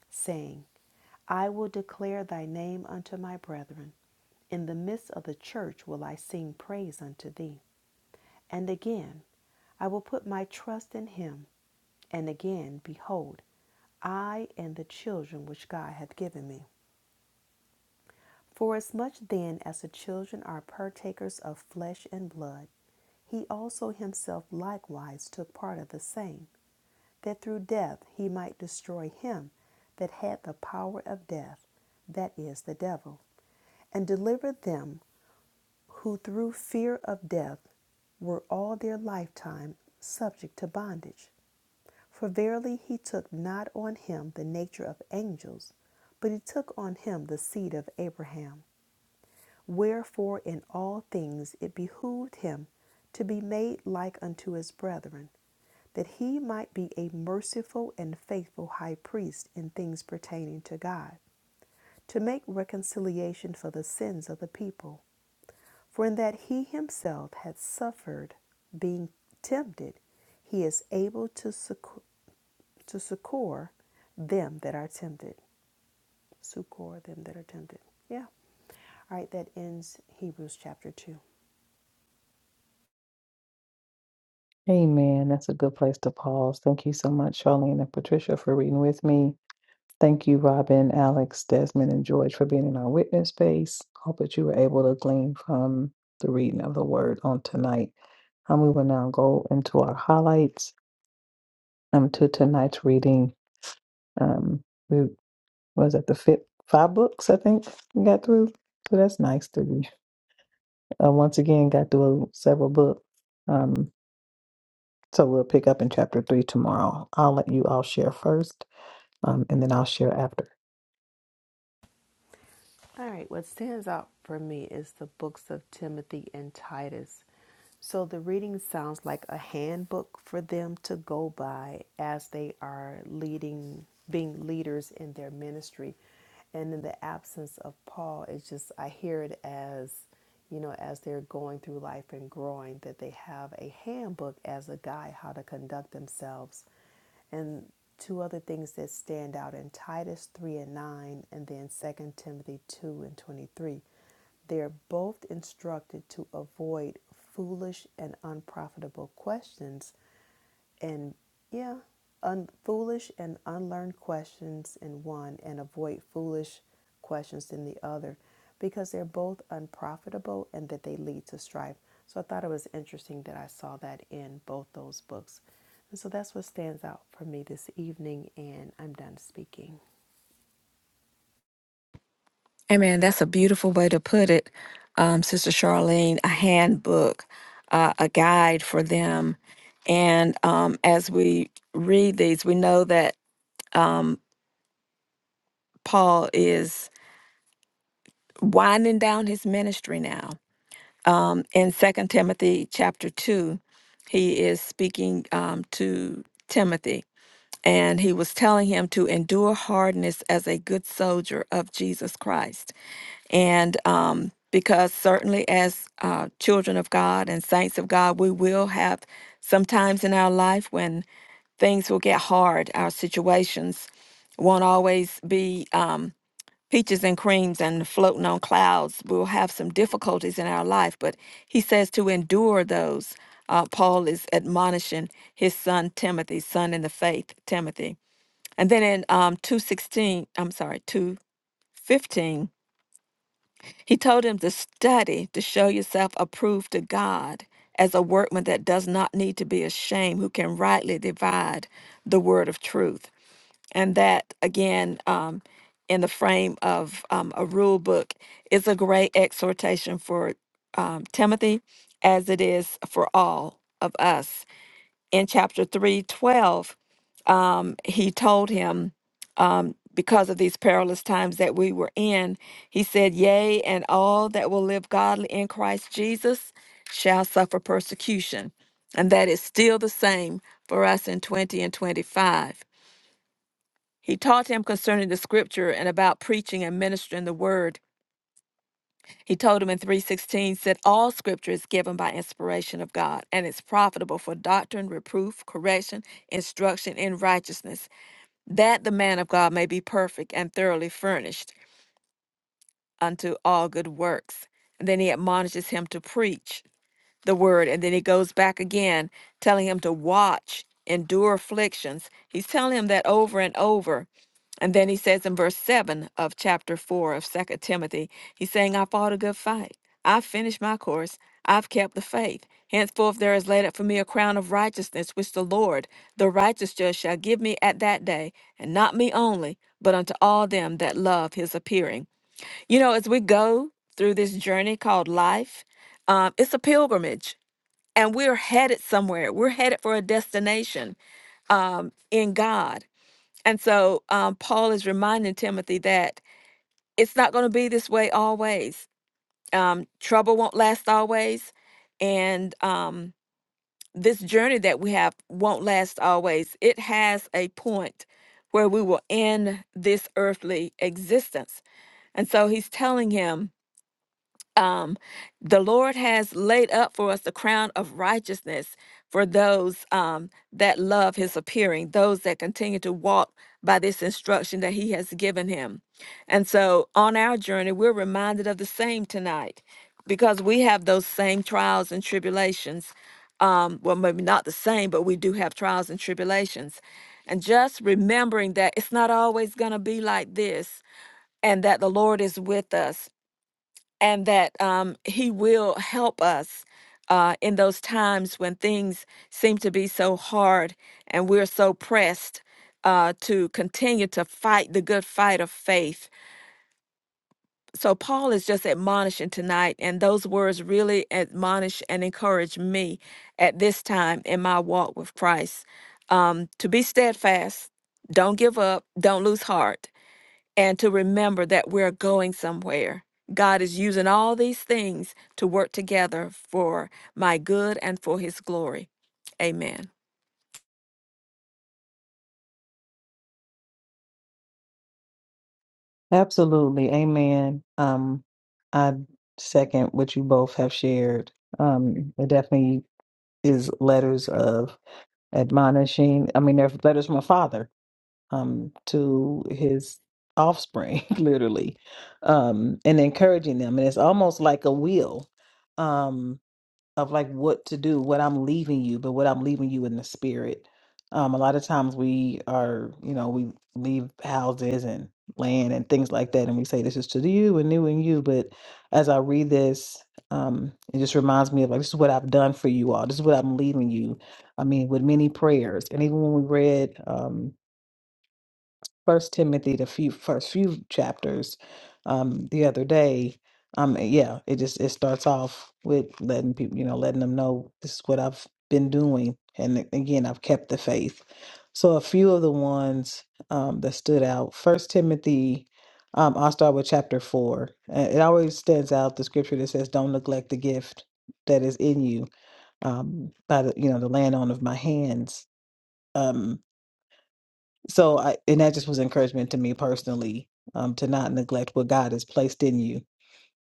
saying, I will declare thy name unto my brethren. In the midst of the church will I sing praise unto thee. And again, I will put my trust in him. And again, behold, I and the children which God hath given me. For as much then as the children are partakers of flesh and blood, he also himself likewise took part of the same, that through death he might destroy him that had the power of death, that is, the devil, and deliver them who through fear of death were all their lifetime subject to bondage. For verily he took not on him the nature of angels, but he took on him the seed of Abraham. Wherefore, in all things it behooved him to be made like unto his brethren, that he might be a merciful and faithful high priest in things pertaining to God, to make reconciliation for the sins of the people. For in that he himself had suffered being tempted, he is able to succor, to succor them that are tempted. Succor them that are tempted. Yeah. All right, that ends Hebrews chapter 2. Amen. That's a good place to pause. Thank you so much, Charlene and Patricia, for reading with me. Thank you, Robin, Alex, Desmond, and George, for being in our witness space. Hope that you were able to glean from the reading of the word on tonight. And we will now go into our highlights um, to tonight's reading. Um, we. was that the fit five books I think we got through. So that's nice to read. Uh, once again, got through several books. Um, so we'll pick up in chapter three tomorrow. I'll let you all share first, um, and then I'll share after. All right, what stands out for me is the books of Timothy and Titus. So the reading sounds like a handbook for them to go by as they are leading, being leaders in their ministry. And in the absence of Paul, it's just, I hear it as, you know, as they're going through life and growing, that they have a handbook as a guide how to conduct themselves and two other things that stand out in Titus 3 and 9, and then Second Timothy 2 and 23. They're both instructed to avoid foolish and unprofitable questions and yeah, un- foolish and unlearned questions in one, and avoid foolish questions in the other, because they're both unprofitable and that they lead to strife. So I thought it was interesting that I saw that in both those books. And so that's what stands out for me this evening, and I'm done speaking. Amen. that's a beautiful way to put it, um, Sister Charlene. A handbook, uh, a guide for them, and um, as we read these, we know that um, Paul is winding down his ministry now. Um, in Second Timothy chapter two, he is speaking um, to Timothy, and he was telling him to endure hardness as a good soldier of Jesus Christ. and um, because certainly as uh, children of God and saints of God, we will have sometimes in our life when things will get hard. Our situations won't always be um, peaches and creams and floating on clouds. We'll have some difficulties in our life, but he says to endure those. Uh, Paul is admonishing his son Timothy, son in the faith, Timothy. And then in um, 216, I'm sorry, 215, he told him to study to show yourself approved to God as a workman that does not need to be ashamed, who can rightly divide the word of truth. And that, again, um, in the frame of um, a rule book, is a great exhortation for um, Timothy as it is for all of us in chapter 3 12, um, he told him um, because of these perilous times that we were in he said yea and all that will live godly in christ jesus shall suffer persecution and that is still the same for us in 20 and 25 he taught him concerning the scripture and about preaching and ministering the word he told him in 3:16 said all scripture is given by inspiration of God and is profitable for doctrine, reproof, correction, instruction in righteousness, that the man of God may be perfect and thoroughly furnished unto all good works. And then he admonishes him to preach the word and then he goes back again telling him to watch endure afflictions he's telling him that over and over and then he says in verse 7 of chapter 4 of Second timothy he's saying i fought a good fight i've finished my course i've kept the faith henceforth there is laid up for me a crown of righteousness which the lord the righteous judge shall give me at that day and not me only but unto all them that love his appearing you know as we go through this journey called life um, it's a pilgrimage and we're headed somewhere. We're headed for a destination um, in God. And so um, Paul is reminding Timothy that it's not going to be this way always. Um, trouble won't last always. And um, this journey that we have won't last always. It has a point where we will end this earthly existence. And so he's telling him, um, the Lord has laid up for us the crown of righteousness for those um, that love his appearing, those that continue to walk by this instruction that he has given him. And so on our journey, we're reminded of the same tonight because we have those same trials and tribulations. Um, well, maybe not the same, but we do have trials and tribulations. And just remembering that it's not always going to be like this and that the Lord is with us and that um, He will help us uh, in those times when things seem to be so hard and we're so pressed uh, to continue to fight the good fight of faith. So, Paul is just admonishing tonight, and those words really admonish and encourage me at this time in my walk with Christ um, to be steadfast, don't give up, don't lose heart and to remember that we're going somewhere. God is using all these things to work together for my good and for his glory. Amen. Absolutely, amen. Um, I second what you both have shared. Um, it definitely is letters of admonishing. I mean, they're letters from a father um, to his offspring, literally, um, and encouraging them. And it's almost like a will, Um, of like what to do, what I'm leaving you, but what I'm leaving you in the spirit. Um, a lot of times we are, you know, we leave houses and land and things like that, and we say this is to you and you and you. But as I read this, um, it just reminds me of like this is what I've done for you all. This is what I'm leaving you. I mean, with many prayers, and even when we read, um, First Timothy, the few first few chapters, um, the other day. Um, yeah, it just it starts off with letting people, you know, letting them know this is what I've been doing, and a- again, I've kept the faith. So a few of the ones um, that stood out. First Timothy, um, I'll start with chapter four. Uh, It always stands out the scripture that says, "Don't neglect the gift that is in you." Um, by the you know the land on of my hands. Um, so I and that just was encouragement to me personally, um, to not neglect what God has placed in you.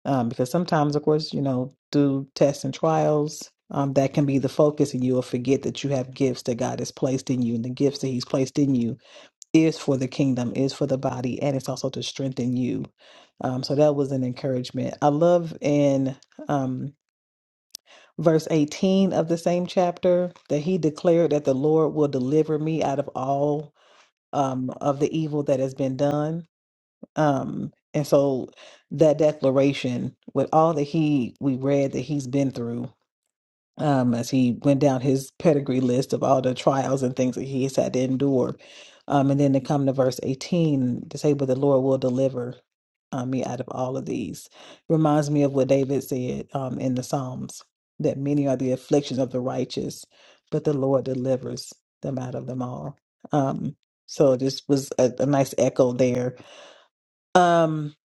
Um, because sometimes, of course, you know, through tests and trials, um, that can be the focus and you will forget that you have gifts that God has placed in you and the gifts that He's placed in you is for the kingdom, is for the body, and it's also to strengthen you. Um, so that was an encouragement. I love in um verse 18 of the same chapter that he declared that the Lord will deliver me out of all um, of the evil that has been done. Um, and so that declaration, with all that he we read that he's been through, um, as he went down his pedigree list of all the trials and things that he has had to endure. Um, and then to come to verse 18 to say, But the Lord will deliver um, me out of all of these. Reminds me of what David said um, in the Psalms that many are the afflictions of the righteous, but the Lord delivers them out of them all. Um, so this was a, a nice echo there. Um,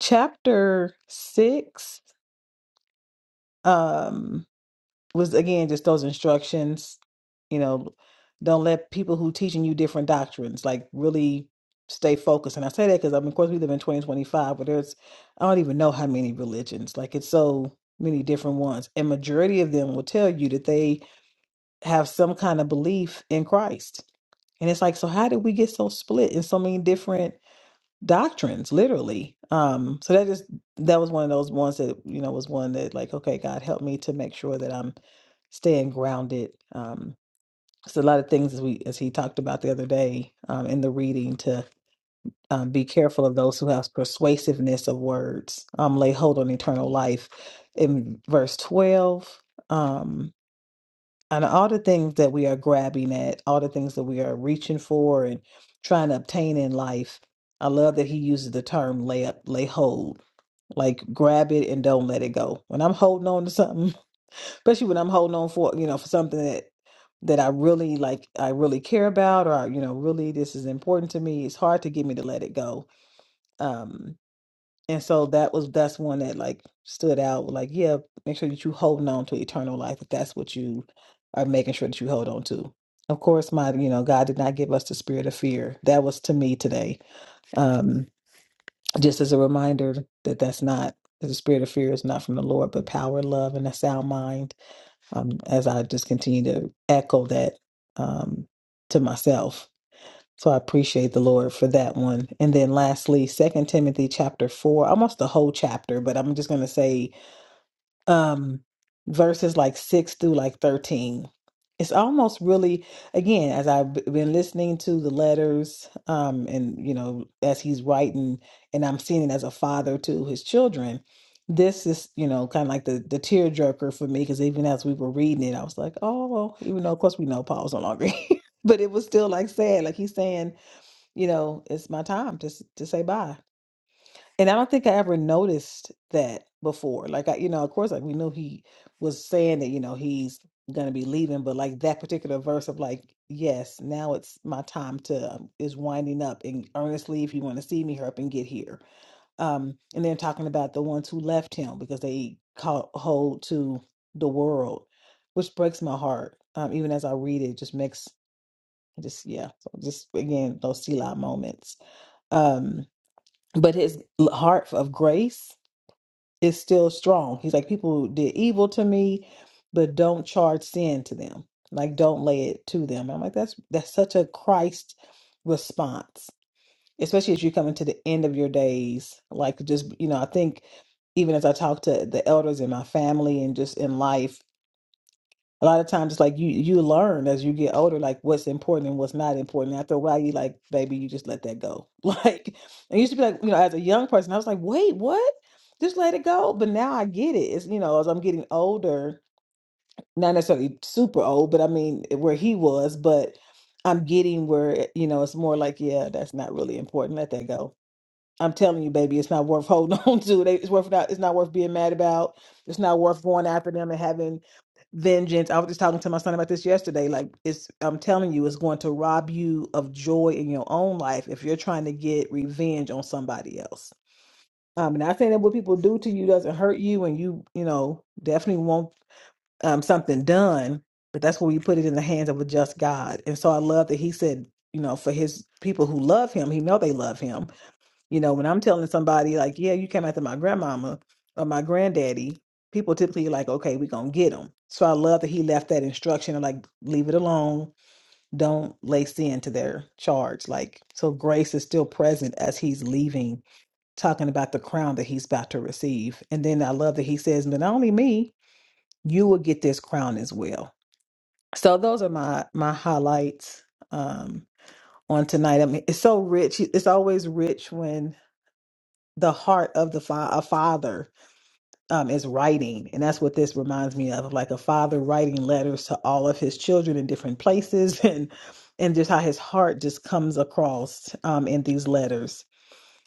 chapter 6. Um, was again just those instructions you know don't let people who teaching you different doctrines like really stay focused and i say that because i mean of course we live in 2025 but there's i don't even know how many religions like it's so many different ones and majority of them will tell you that they have some kind of belief in christ and it's like so how did we get so split in so many different doctrines literally um so that just that was one of those ones that you know was one that like okay god help me to make sure that i'm staying grounded um so a lot of things as we as he talked about the other day um in the reading to um, be careful of those who have persuasiveness of words um lay hold on eternal life in verse 12 um, and all the things that we are grabbing at, all the things that we are reaching for and trying to obtain in life. I love that he uses the term lay up, lay hold, like grab it and don't let it go. When I'm holding on to something, especially when I'm holding on for, you know, for something that that I really like, I really care about, or you know, really this is important to me. It's hard to get me to let it go. Um, and so that was that's one that like stood out. Like, yeah, make sure that you holding on to eternal life if that's what you are making sure that you hold on to. Of course, my you know, God did not give us the spirit of fear. That was to me today. Um, just as a reminder that that's not that the spirit of fear is not from the Lord, but power, love, and a sound mind. Um, as I just continue to echo that um to myself so I appreciate the Lord for that one. And then lastly, Second Timothy chapter four, almost the whole chapter, but I'm just gonna say um verses like six through like thirteen. It's almost really again, as I've b- been listening to the letters, um, and you know, as he's writing and I'm seeing it as a father to his children. This is, you know, kind of like the the tearjerker for me because even as we were reading it, I was like, oh, well, even though of course we know Paul's no longer here, but it was still like sad. Like he's saying, you know, it's my time to s- to say bye. And I don't think I ever noticed that before. Like I, you know, of course, like we knew he was saying that, you know, he's gonna be leaving, but like that particular verse of like, yes, now it's my time to um, is winding up and earnestly, if you want to see me, hurry up and get here. Um, and then talking about the ones who left him because they caught hold to the world, which breaks my heart. Um, even as I read it, just makes just yeah. So just again, those Selah moments um but his l- heart of grace is still strong he's like people did evil to me but don't charge sin to them like don't lay it to them i'm like that's that's such a christ response especially as you're coming to the end of your days like just you know i think even as i talk to the elders in my family and just in life a lot of times it's like you you learn as you get older like what's important and what's not important after a while you like baby you just let that go like it used to be like you know as a young person i was like wait what just let it go but now i get it it's you know as i'm getting older not necessarily super old but i mean where he was but i'm getting where you know it's more like yeah that's not really important let that go I'm telling you, baby, it's not worth holding on to. They, it's worth not. It's not worth being mad about. It's not worth going after them and having vengeance. I was just talking to my son about this yesterday. Like it's, I'm telling you, it's going to rob you of joy in your own life if you're trying to get revenge on somebody else. Um, and I think that what people do to you doesn't hurt you, and you, you know, definitely want um something done. But that's when you put it in the hands of a just God. And so I love that he said, you know, for his people who love him, he know they love him you know, when I'm telling somebody like, yeah, you came after my grandmama or my granddaddy, people typically like, okay, we gonna get them. So I love that he left that instruction of like, leave it alone. Don't lay sin to their charge. Like, so grace is still present as he's leaving, talking about the crown that he's about to receive. And then I love that he says, but not only me, you will get this crown as well. So those are my my highlights um on tonight. I mean, it's so rich. It's always rich when the heart of the fa- a father um, is writing, and that's what this reminds me of, like a father writing letters to all of his children in different places, and and just how his heart just comes across um, in these letters.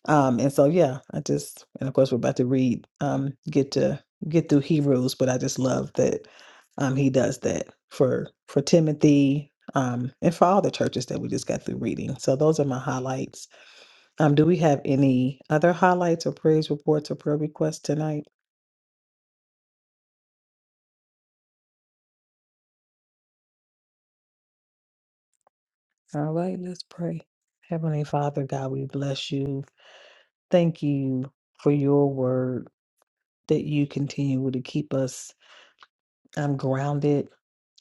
Um, and so, yeah, I just and of course we're about to read, um, get to get through Hebrews, but I just love that um, he does that for for Timothy um, and for all the churches that we just got through reading. So those are my highlights. Um, do we have any other highlights or praise reports or prayer requests tonight? All right, let's pray. Heavenly Father, God, we bless you. Thank you for your word that you continue to keep us um, grounded,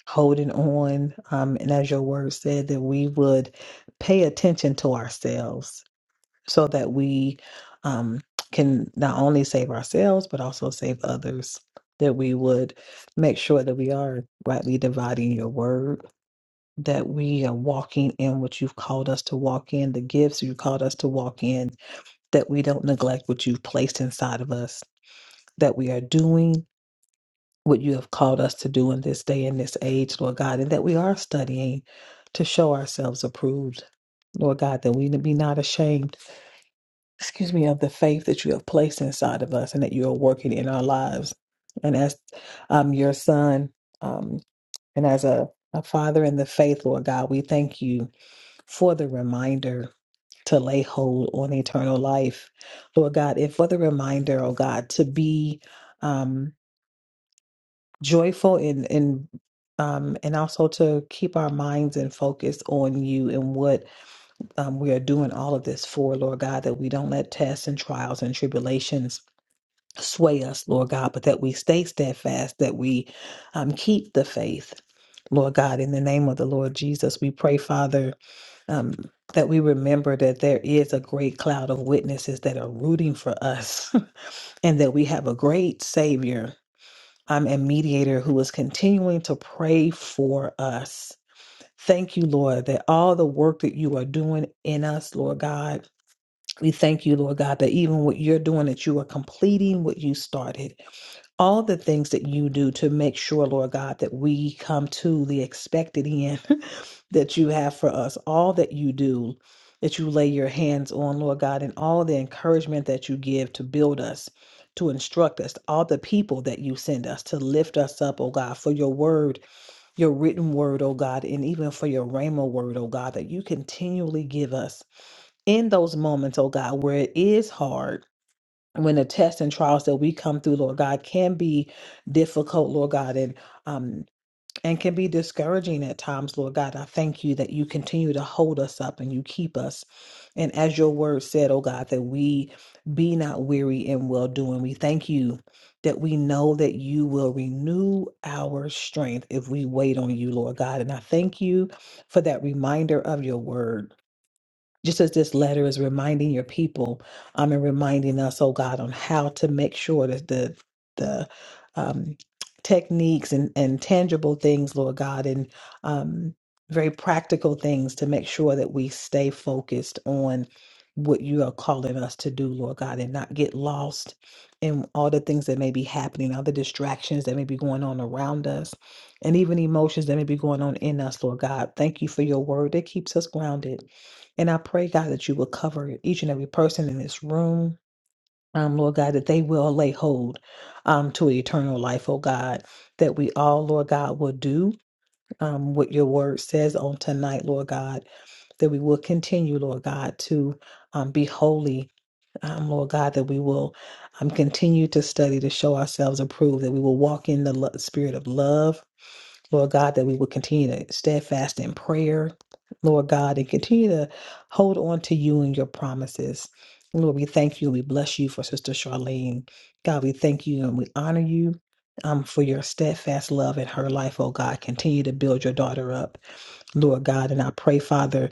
holding on. Um, and as your word said, that we would pay attention to ourselves so that we um, can not only save ourselves, but also save others. That we would make sure that we are rightly dividing your word that we are walking in what you've called us to walk in, the gifts you called us to walk in, that we don't neglect what you've placed inside of us, that we are doing what you have called us to do in this day and this age, Lord God, and that we are studying to show ourselves approved, Lord God, that we be not ashamed, excuse me, of the faith that you have placed inside of us and that you are working in our lives. And as um, your son, um, and as a, a father in the faith, Lord God, we thank you for the reminder to lay hold on eternal life. Lord God, and for the reminder, oh God, to be um, joyful and and um, and also to keep our minds and focus on you and what um, we are doing all of this for, Lord God, that we don't let tests and trials and tribulations sway us, Lord God, but that we stay steadfast, that we um, keep the faith, Lord God. In the name of the Lord Jesus, we pray, Father um, that we remember that there is a great cloud of witnesses that are rooting for us and that we have a great Savior um, and mediator who is continuing to pray for us. Thank you, Lord, that all the work that you are doing in us, Lord God, we thank you, Lord God, that even what you're doing, that you are completing what you started all the things that you do to make sure, Lord God, that we come to the expected end that you have for us, all that you do, that you lay your hands on, Lord God, and all the encouragement that you give to build us, to instruct us, all the people that you send us to lift us up, oh God, for your word, your written word, oh God, and even for your rhema word, oh God, that you continually give us in those moments, oh God, where it is hard when the tests and trials that we come through, Lord God, can be difficult, Lord God, and um and can be discouraging at times, Lord God. I thank you that you continue to hold us up and you keep us. And as your word said, oh God, that we be not weary in well doing. We thank you that we know that you will renew our strength if we wait on you, Lord God. And I thank you for that reminder of your word just as this letter is reminding your people um, and reminding us, oh God, on how to make sure that the the um, techniques and, and tangible things, Lord God, and um, very practical things to make sure that we stay focused on what you are calling us to do, Lord God, and not get lost in all the things that may be happening, all the distractions that may be going on around us, and even emotions that may be going on in us, Lord God. Thank you for your word that keeps us grounded. And I pray, God, that you will cover each and every person in this room. Um, Lord God, that they will lay hold um, to eternal life, oh God, that we all, Lord God, will do um, what your word says on tonight, Lord God, that we will continue, Lord God, to um, be holy, um, Lord God, that we will um, continue to study to show ourselves approved, that we will walk in the lo- spirit of love Lord God, that we would continue to steadfast in prayer, Lord God, and continue to hold on to you and your promises. Lord, we thank you and we bless you for Sister Charlene. God, we thank you and we honor you um, for your steadfast love in her life, oh God. Continue to build your daughter up, Lord God. And I pray, Father,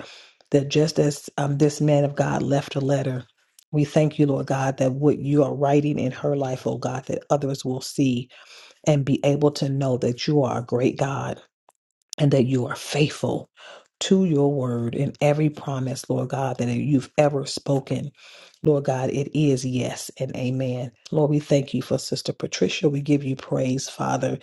that just as um, this man of God left a letter, we thank you, Lord God, that what you are writing in her life, oh God, that others will see and be able to know that you are a great God and that you are faithful to your word in every promise, Lord God, that you've ever spoken. Lord God, it is yes and amen. Lord, we thank you for Sister Patricia. We give you praise, Father,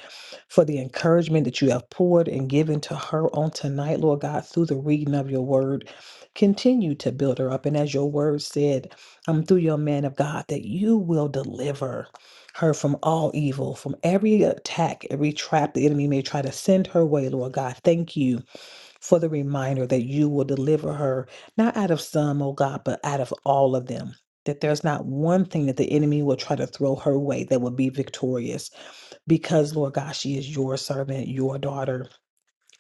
for the encouragement that you have poured and given to her on tonight, Lord God, through the reading of your word. Continue to build her up. And as your word said, um, through your man of God, that you will deliver her from all evil, from every attack, every trap the enemy may try to send her way, Lord God. Thank you for the reminder that you will deliver her, not out of some, oh God, but out of all of them. That there's not one thing that the enemy will try to throw her way that will be victorious because, Lord God, she is your servant, your daughter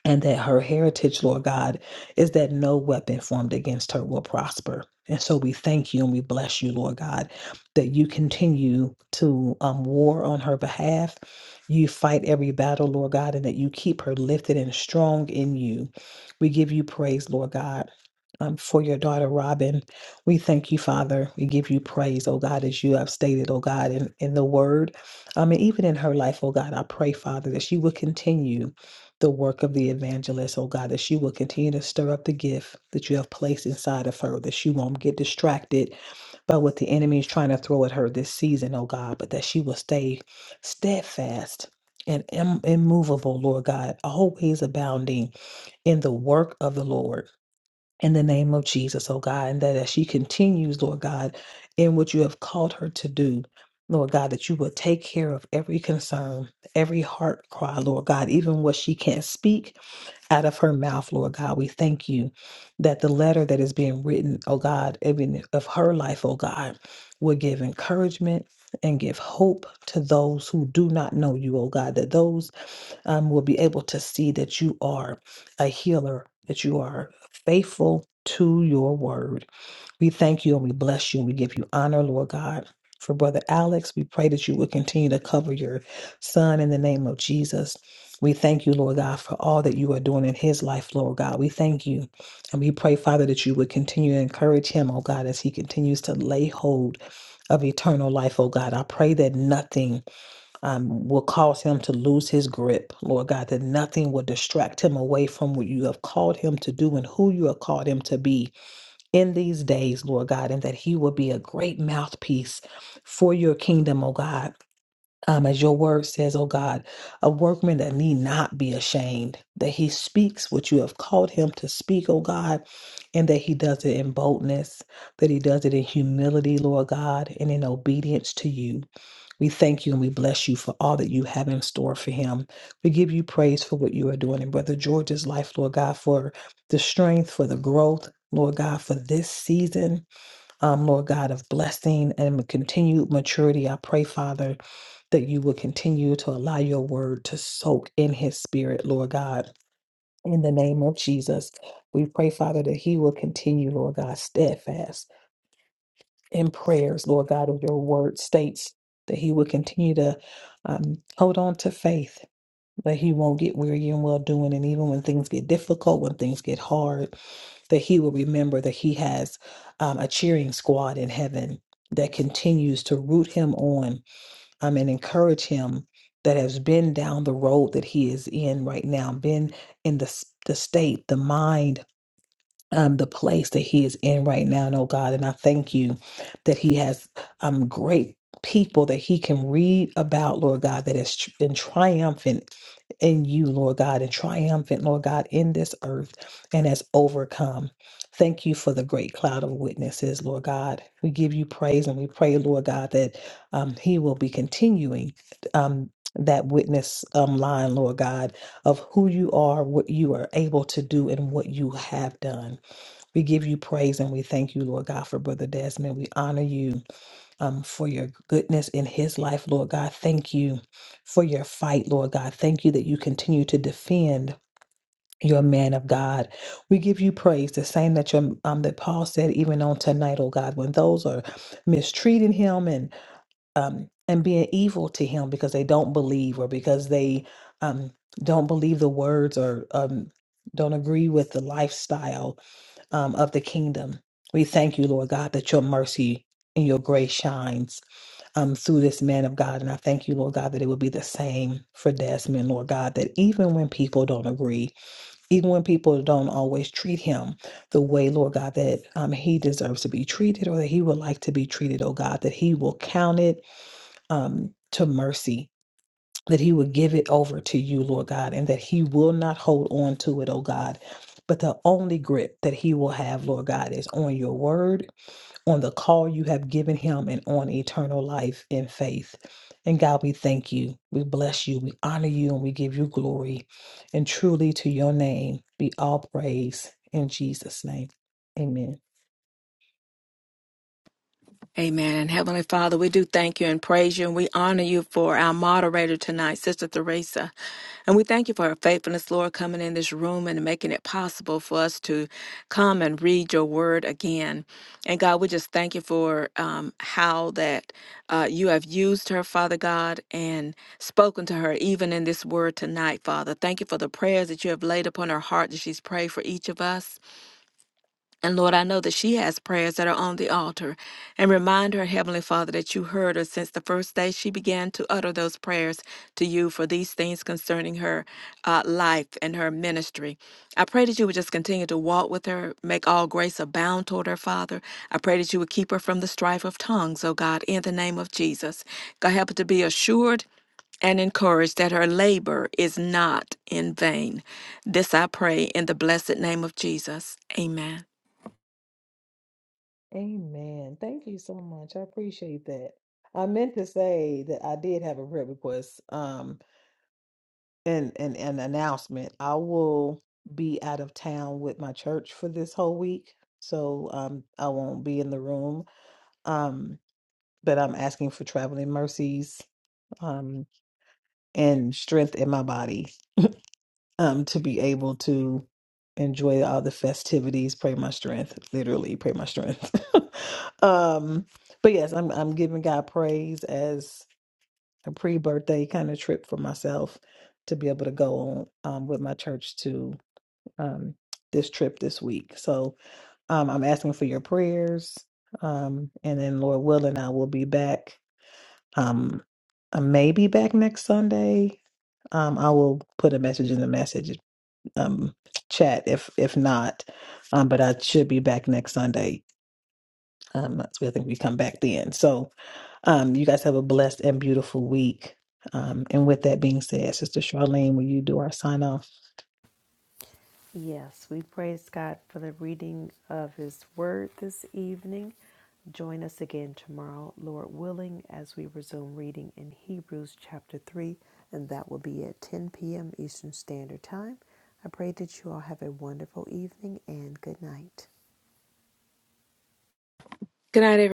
and that her heritage, Lord God, is that no weapon formed against her will prosper. And so we thank you and we bless you, Lord God, that you continue to um, war on her behalf. You fight every battle, Lord God, and that you keep her lifted and strong in you. We give you praise, Lord God. Um, for your daughter Robin, we thank you, Father. We give you praise, oh God, as you have stated, oh God, in, in the word. Um, and even in her life, oh God, I pray, Father, that she will continue the work of the evangelist, oh God, that she will continue to stir up the gift that you have placed inside of her, that she won't get distracted by what the enemy is trying to throw at her this season, oh God, but that she will stay steadfast and im- immovable, Lord God, always abounding in the work of the Lord in the name of Jesus, oh God, and that as she continues, Lord God, in what you have called her to do, Lord God, that you will take care of every concern, every heart cry, Lord God, even what she can't speak out of her mouth, Lord God. We thank you that the letter that is being written, oh God, even of her life, oh God, will give encouragement and give hope to those who do not know you, oh God, that those um, will be able to see that you are a healer, that you are faithful to your word. We thank you and we bless you and we give you honor, Lord God. For Brother Alex, we pray that you will continue to cover your son in the name of Jesus. We thank you, Lord God, for all that you are doing in his life, Lord God. We thank you. And we pray, Father, that you would continue to encourage him, oh God, as he continues to lay hold of eternal life, oh God. I pray that nothing um, will cause him to lose his grip, Lord God, that nothing will distract him away from what you have called him to do and who you have called him to be in these days, Lord God, and that he will be a great mouthpiece for your kingdom, oh God. Um, as your word says, oh God, a workman that need not be ashamed, that he speaks what you have called him to speak, oh God, and that he does it in boldness, that he does it in humility, Lord God, and in obedience to you. We thank you and we bless you for all that you have in store for him. We give you praise for what you are doing in Brother George's life, Lord God, for the strength, for the growth, Lord God, for this season, um, Lord God, of blessing and continued maturity. I pray, Father, that you will continue to allow your word to soak in his spirit, Lord God. In the name of Jesus, we pray, Father, that he will continue, Lord God, steadfast in prayers, Lord God, of your word states that he will continue to um, hold on to faith, that he won't get weary in well doing. And even when things get difficult, when things get hard, that he will remember that he has um, a cheering squad in heaven that continues to root him on um, and encourage him that has been down the road that he is in right now, been in the, s- the state, the mind, um, the place that he is in right now, and oh God. And I thank you that he has um, great people that he can read about, Lord God, that has tr- been triumphant in you, Lord God, and triumphant, Lord God, in this earth and has overcome. Thank you for the great cloud of witnesses, Lord God. We give you praise and we pray, Lord God, that um, he will be continuing um, that witness um, line, Lord God, of who you are, what you are able to do, and what you have done. We give you praise and we thank you, Lord God, for Brother Desmond. We honor you um, for your goodness in his life, Lord God. Thank you for your fight, Lord God. Thank you that you continue to defend your man of God. We give you praise, the same that your um, that Paul said even on tonight, oh God, when those are mistreating him and um, and being evil to him because they don't believe or because they um, don't believe the words or um, don't agree with the lifestyle um, of the kingdom. We thank you, Lord God, that your mercy and your grace shines um, through this man of God. And I thank you, Lord God, that it will be the same for Desmond, Lord God, that even when people don't agree, even when people don't always treat him the way, Lord God, that um, he deserves to be treated or that he would like to be treated, oh God, that he will count it um, to mercy that he would give it over to you, Lord God, and that he will not hold on to it, oh God. But the only grip that he will have, Lord God, is on your word, on the call you have given him, and on eternal life in faith. And God, we thank you. We bless you. We honor you and we give you glory. And truly to your name be all praise in Jesus' name. Amen. Amen. And Heavenly Father, we do thank you and praise you, and we honor you for our moderator tonight, Sister Theresa. And we thank you for her faithfulness, Lord, coming in this room and making it possible for us to come and read your word again. And God, we just thank you for um, how that uh, you have used her, Father God, and spoken to her even in this word tonight, Father. Thank you for the prayers that you have laid upon her heart that she's prayed for each of us. And Lord, I know that she has prayers that are on the altar. And remind her, Heavenly Father, that you heard her since the first day she began to utter those prayers to you for these things concerning her uh, life and her ministry. I pray that you would just continue to walk with her, make all grace abound toward her, Father. I pray that you would keep her from the strife of tongues, oh God, in the name of Jesus. God, help her to be assured and encouraged that her labor is not in vain. This I pray in the blessed name of Jesus. Amen. Amen. Thank you so much. I appreciate that. I meant to say that I did have a prayer request. Um, an, an, an announcement. I will be out of town with my church for this whole week, so um, I won't be in the room. Um, but I'm asking for traveling mercies um, and strength in my body um, to be able to enjoy all the festivities. Pray my strength, literally pray my strength. um, but yes, I'm I'm giving God praise as a pre-birthday kind of trip for myself to be able to go on um, with my church to um, this trip this week. So um, I'm asking for your prayers. Um, and then, Lord willing, I will be back. Um, I may be back next Sunday. Um, I will put a message in the message um, chat if if not, um, but I should be back next Sunday. Um, that's where I think we come back then. So um, you guys have a blessed and beautiful week. Um, and with that being said, Sister Charlene, will you do our sign off? Yes, we praise God for the reading of His Word this evening. Join us again tomorrow, Lord willing, as we resume reading in Hebrews chapter 3, and that will be at 10 p.m. Eastern Standard Time. I pray that you all have a wonderful evening and good night. Good night, everyone.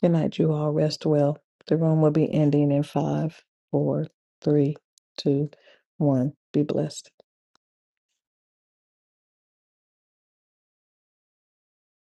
Good night, you all. Rest well. The room will be ending in five, four, three, two, one. Be blessed.